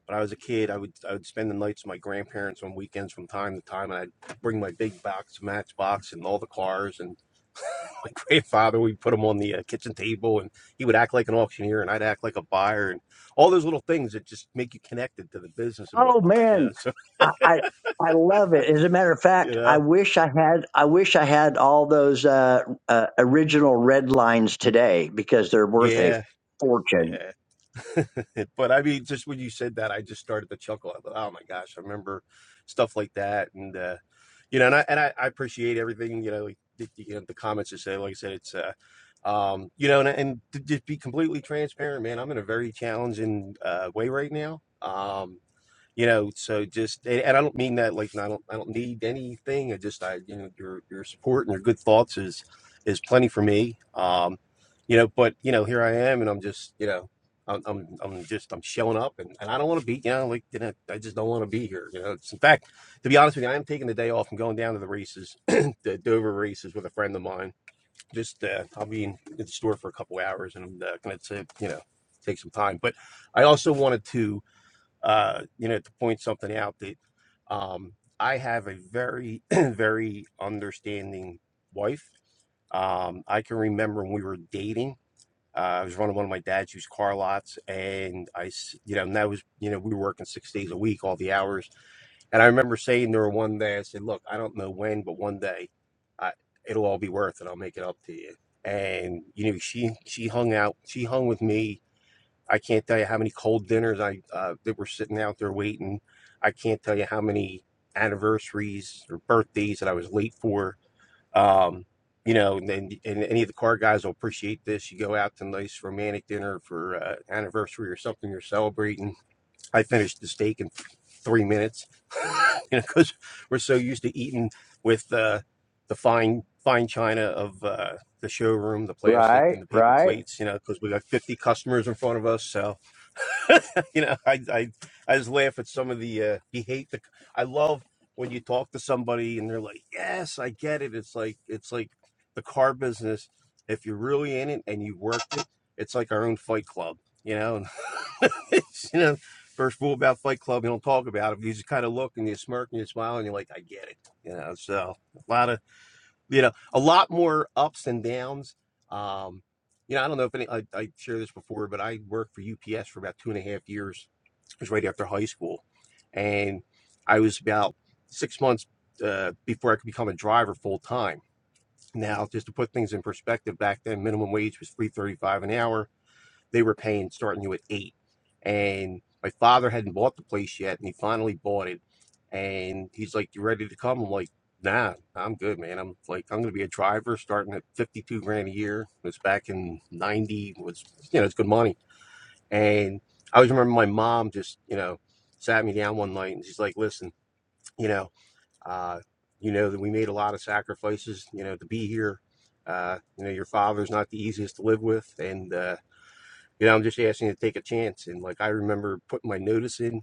K: when I was a kid, I would I would spend the nights with my grandparents on weekends from time to time, and I'd bring my big box Matchbox and all the cars. And my grandfather, we'd put them on the uh, kitchen table, and he would act like an auctioneer, and I'd act like a buyer, and all those little things that just make you connected to the business and
D: Oh
K: whatnot. You
D: man,
K: know, so
D: I, I I love it. As a matter of
K: you
D: fact, I
K: know,
D: wish I had I wish I had all those uh, uh, original red lines today because they're worth a
K: yeah,
D: fortune.
K: yeah. but I mean, just when you said that, I just started to chuckle. I thought, oh my gosh, I remember stuff like that, and uh, you know, and I and I, I appreciate everything. You know, like, the, you know, the comments you say. Like I said, it's uh, um, you know, and, and to just be completely transparent, man. I'm in a very challenging uh, way right now. Um, you know so just and, and i don't mean that like i don't i don't need anything i just i you know your your support and your good thoughts is is plenty for me um you know but you know here i am and i'm just you know i'm i'm, I'm just i'm showing up and, and i don't want to be you know like you know i just don't want to be here you know it's, in fact to be honest with you i am taking the day off and going down to the races the dover races with a friend of mine just uh, i'll be in, in the store for a couple hours and i'm uh, gonna take you know take some time but i also wanted to uh, you know, to point something out that um, I have a very, very understanding wife. Um, I can remember when we were dating. Uh, I was running one of my dad's used car lots, and I, s- you know, and that was, you know, we were working six days a week, all the hours. And I remember saying to her one day, I said, "Look, I don't know when, but one day, I, it'll all be worth it. I'll make it up to you." And you know, she she hung out, she hung with me I can't tell you how many cold dinners I uh, that were sitting out there waiting. I can't tell you how many anniversaries or birthdays that I was late for. Um, you know, and, and any of the car guys will appreciate this. You go out to a nice romantic dinner for uh, anniversary or something you're celebrating. I finished the steak in three minutes, you know, because we're so used to eating with uh, the fine fine china of uh, the showroom, the plastic
D: Right,
K: and the paper
D: right.
K: plates, you know, because we got 50 customers in front of us, so you know, I, I I just laugh at some of the uh, you hate the. I love when you talk to somebody and they're like, "Yes, I get it." It's like it's like the car business. If you're really in it and you worked it, it's like our own Fight Club, you know. And It's, you know, first rule about Fight Club, you don't talk about it. You just kind of look and you smirk and you smile and you're like, "I get it," you know. So a lot of you know a lot more ups and downs um you know i don't know if any i, I shared this before but i worked for ups for about two and a half years it was right after high school and i was about six months uh, before i could become a driver full time now just to put things in perspective back then minimum wage was 335 an hour they were paying starting you at eight. And my father hadn't bought the place yet, and he finally bought it. And he's like, "You ready to come?" I'm like, "Nah, I'm good, man. I'm like, I'm gonna be a driver starting at 52 grand a year." It's back in '90 was, you know, it's good money. And I always remember my mom just, you know, sat me down one night and she's like, "Listen, you know, uh, you know that we made a lot of sacrifices, you know, to be here. Uh, you know, your father's not the easiest to live with, and uh, you know, I'm just asking you to take a chance. And like I remember putting my notice in,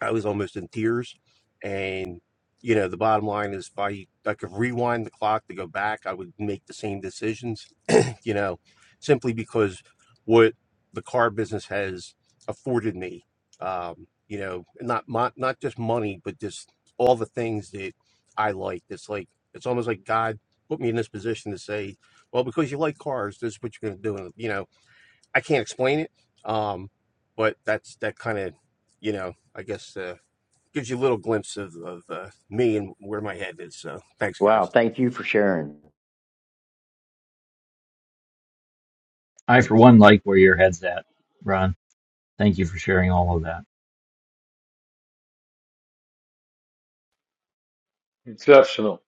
K: I was almost in tears. And you know, the bottom line is if I I could rewind the clock to go back, I would make the same decisions. You know, simply because what the car business has afforded me. Um, you know, not mon- not just money, but just all the things that I like. It's like it's almost like God put me in this position to say, well, because you like cars, this is what you're going to do. And you know, I can't explain it, um, but that's that kind of, you know, I guess uh, gives you a little glimpse of, of uh, me and where my head is. So thanks,
D: Wow,
K: guys.
D: thank you for sharing.
A: I, for one, like where your head's at, Ron. Thank you for sharing all of that.
E: Exceptional.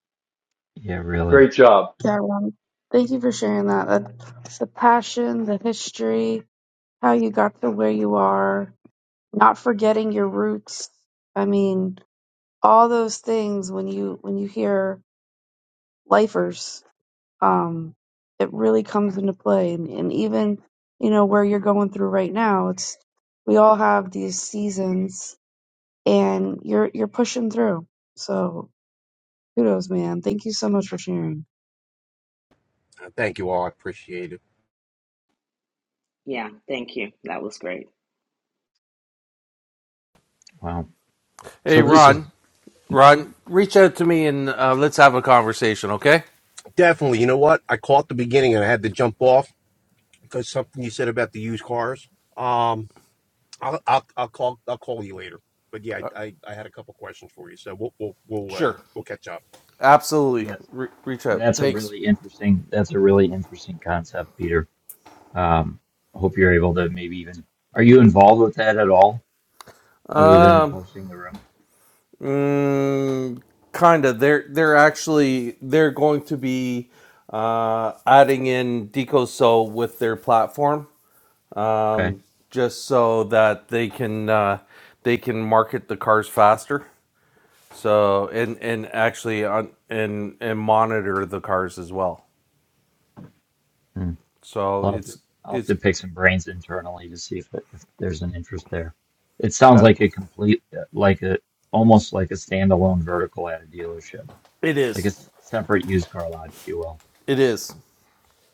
A: Yeah, really.
E: Great job.
C: Yeah, Ron. Thank you for sharing that. that. The passion, the history, how you got to where you are, not forgetting your roots. I mean, all those things when you when you hear lifers um, it really comes into play. And, and even, you know, where you're going through right now, it's we all have these seasons and you're you're pushing through. So kudos, man. Thank you so much for sharing.
K: Uh, thank you all. I appreciate it.
H: Yeah, thank you. That was great.
A: Wow.
B: Hey,
A: So this is
B: Ron. Ron, reach out to me and uh, let's have a conversation, okay?
K: Definitely. You know what? I caught the beginning and I had to jump off because something you said about the used cars. Um, I'll, I'll, I'll call I'll call you later. But yeah, I, I, I had a couple questions for you, so we'll we'll we'll, uh,
B: Sure.
K: we'll catch up.
B: Absolutely.
A: yes,
B: Re- reach out.
A: that's a
B: Thanks.
A: really interesting. That's a really interesting concept, Peter. Um, I hope you're able to maybe even. Are you involved with that at all, other than
B: Um,
A: hosting the room?
B: mm, kinda. They're they're actually they're going to be uh, adding in DecoSo with their platform,
A: Okay.
B: um, just so that they can uh, they can market the cars faster. So and and actually on and and monitor the cars as well.
A: Hmm.
B: So
A: I'll have to,
B: it's
A: I'll have
B: it's
A: to pick some brains internally to see if, if there's an interest there. It sounds
B: uh,
A: like a complete, like a, almost like a standalone vertical at a dealership,
B: It
A: like a
B: is.
A: separate used car lot, if you will.
B: It is.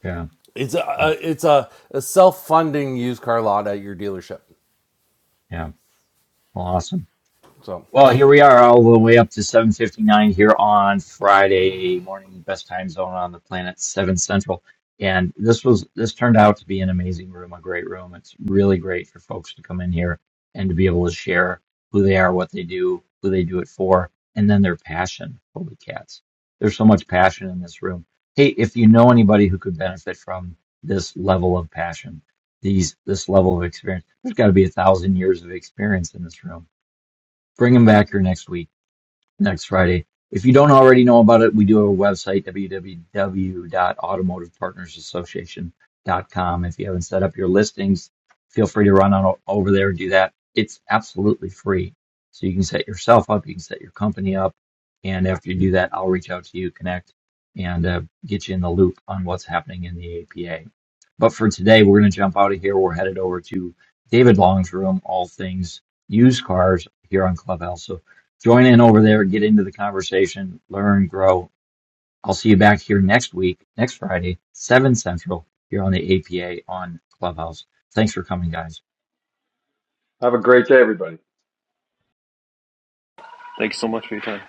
A: Yeah.
B: It's a, a
A: Mm.
B: it's a, a self funding used car lot at your dealership.
A: Yeah. Well, awesome.
B: So
A: Well, here we are, all the way up to 7:59 here on Friday morning, best time zone on the planet, 7 Central. And this was this turned out to be an amazing room, a great room. It's really great for folks to come in here and to be able to share who they are, what they do, who they do it for, and then their passion. Holy cats. There's so much passion in this room. Hey, if you know anybody who could benefit from this level of passion, these this level of experience, there's got to be a thousand years of experience in this room Bring him back here next week next Friday. If you don't already know about it, we do have a website, w w w dot automotive partners association dot com. If you haven't set up your listings, feel free to run on o- over there and do that. It's absolutely free. So you can set yourself up, you can set your company up. And after you do that, I'll reach out to you, connect, and uh, get you in the loop on what's happening in the APA. But for today, we're going to jump out of here. We're headed over to David Long's room, all things used cars here on Clubhouse. So Join in over there, get into the conversation, learn, grow. I'll see you back here next week, next Friday, 7 Central, here on the APA on Clubhouse. Thanks for coming, guys.
E: Have a great day, everybody.
L: Thanks so much for your time.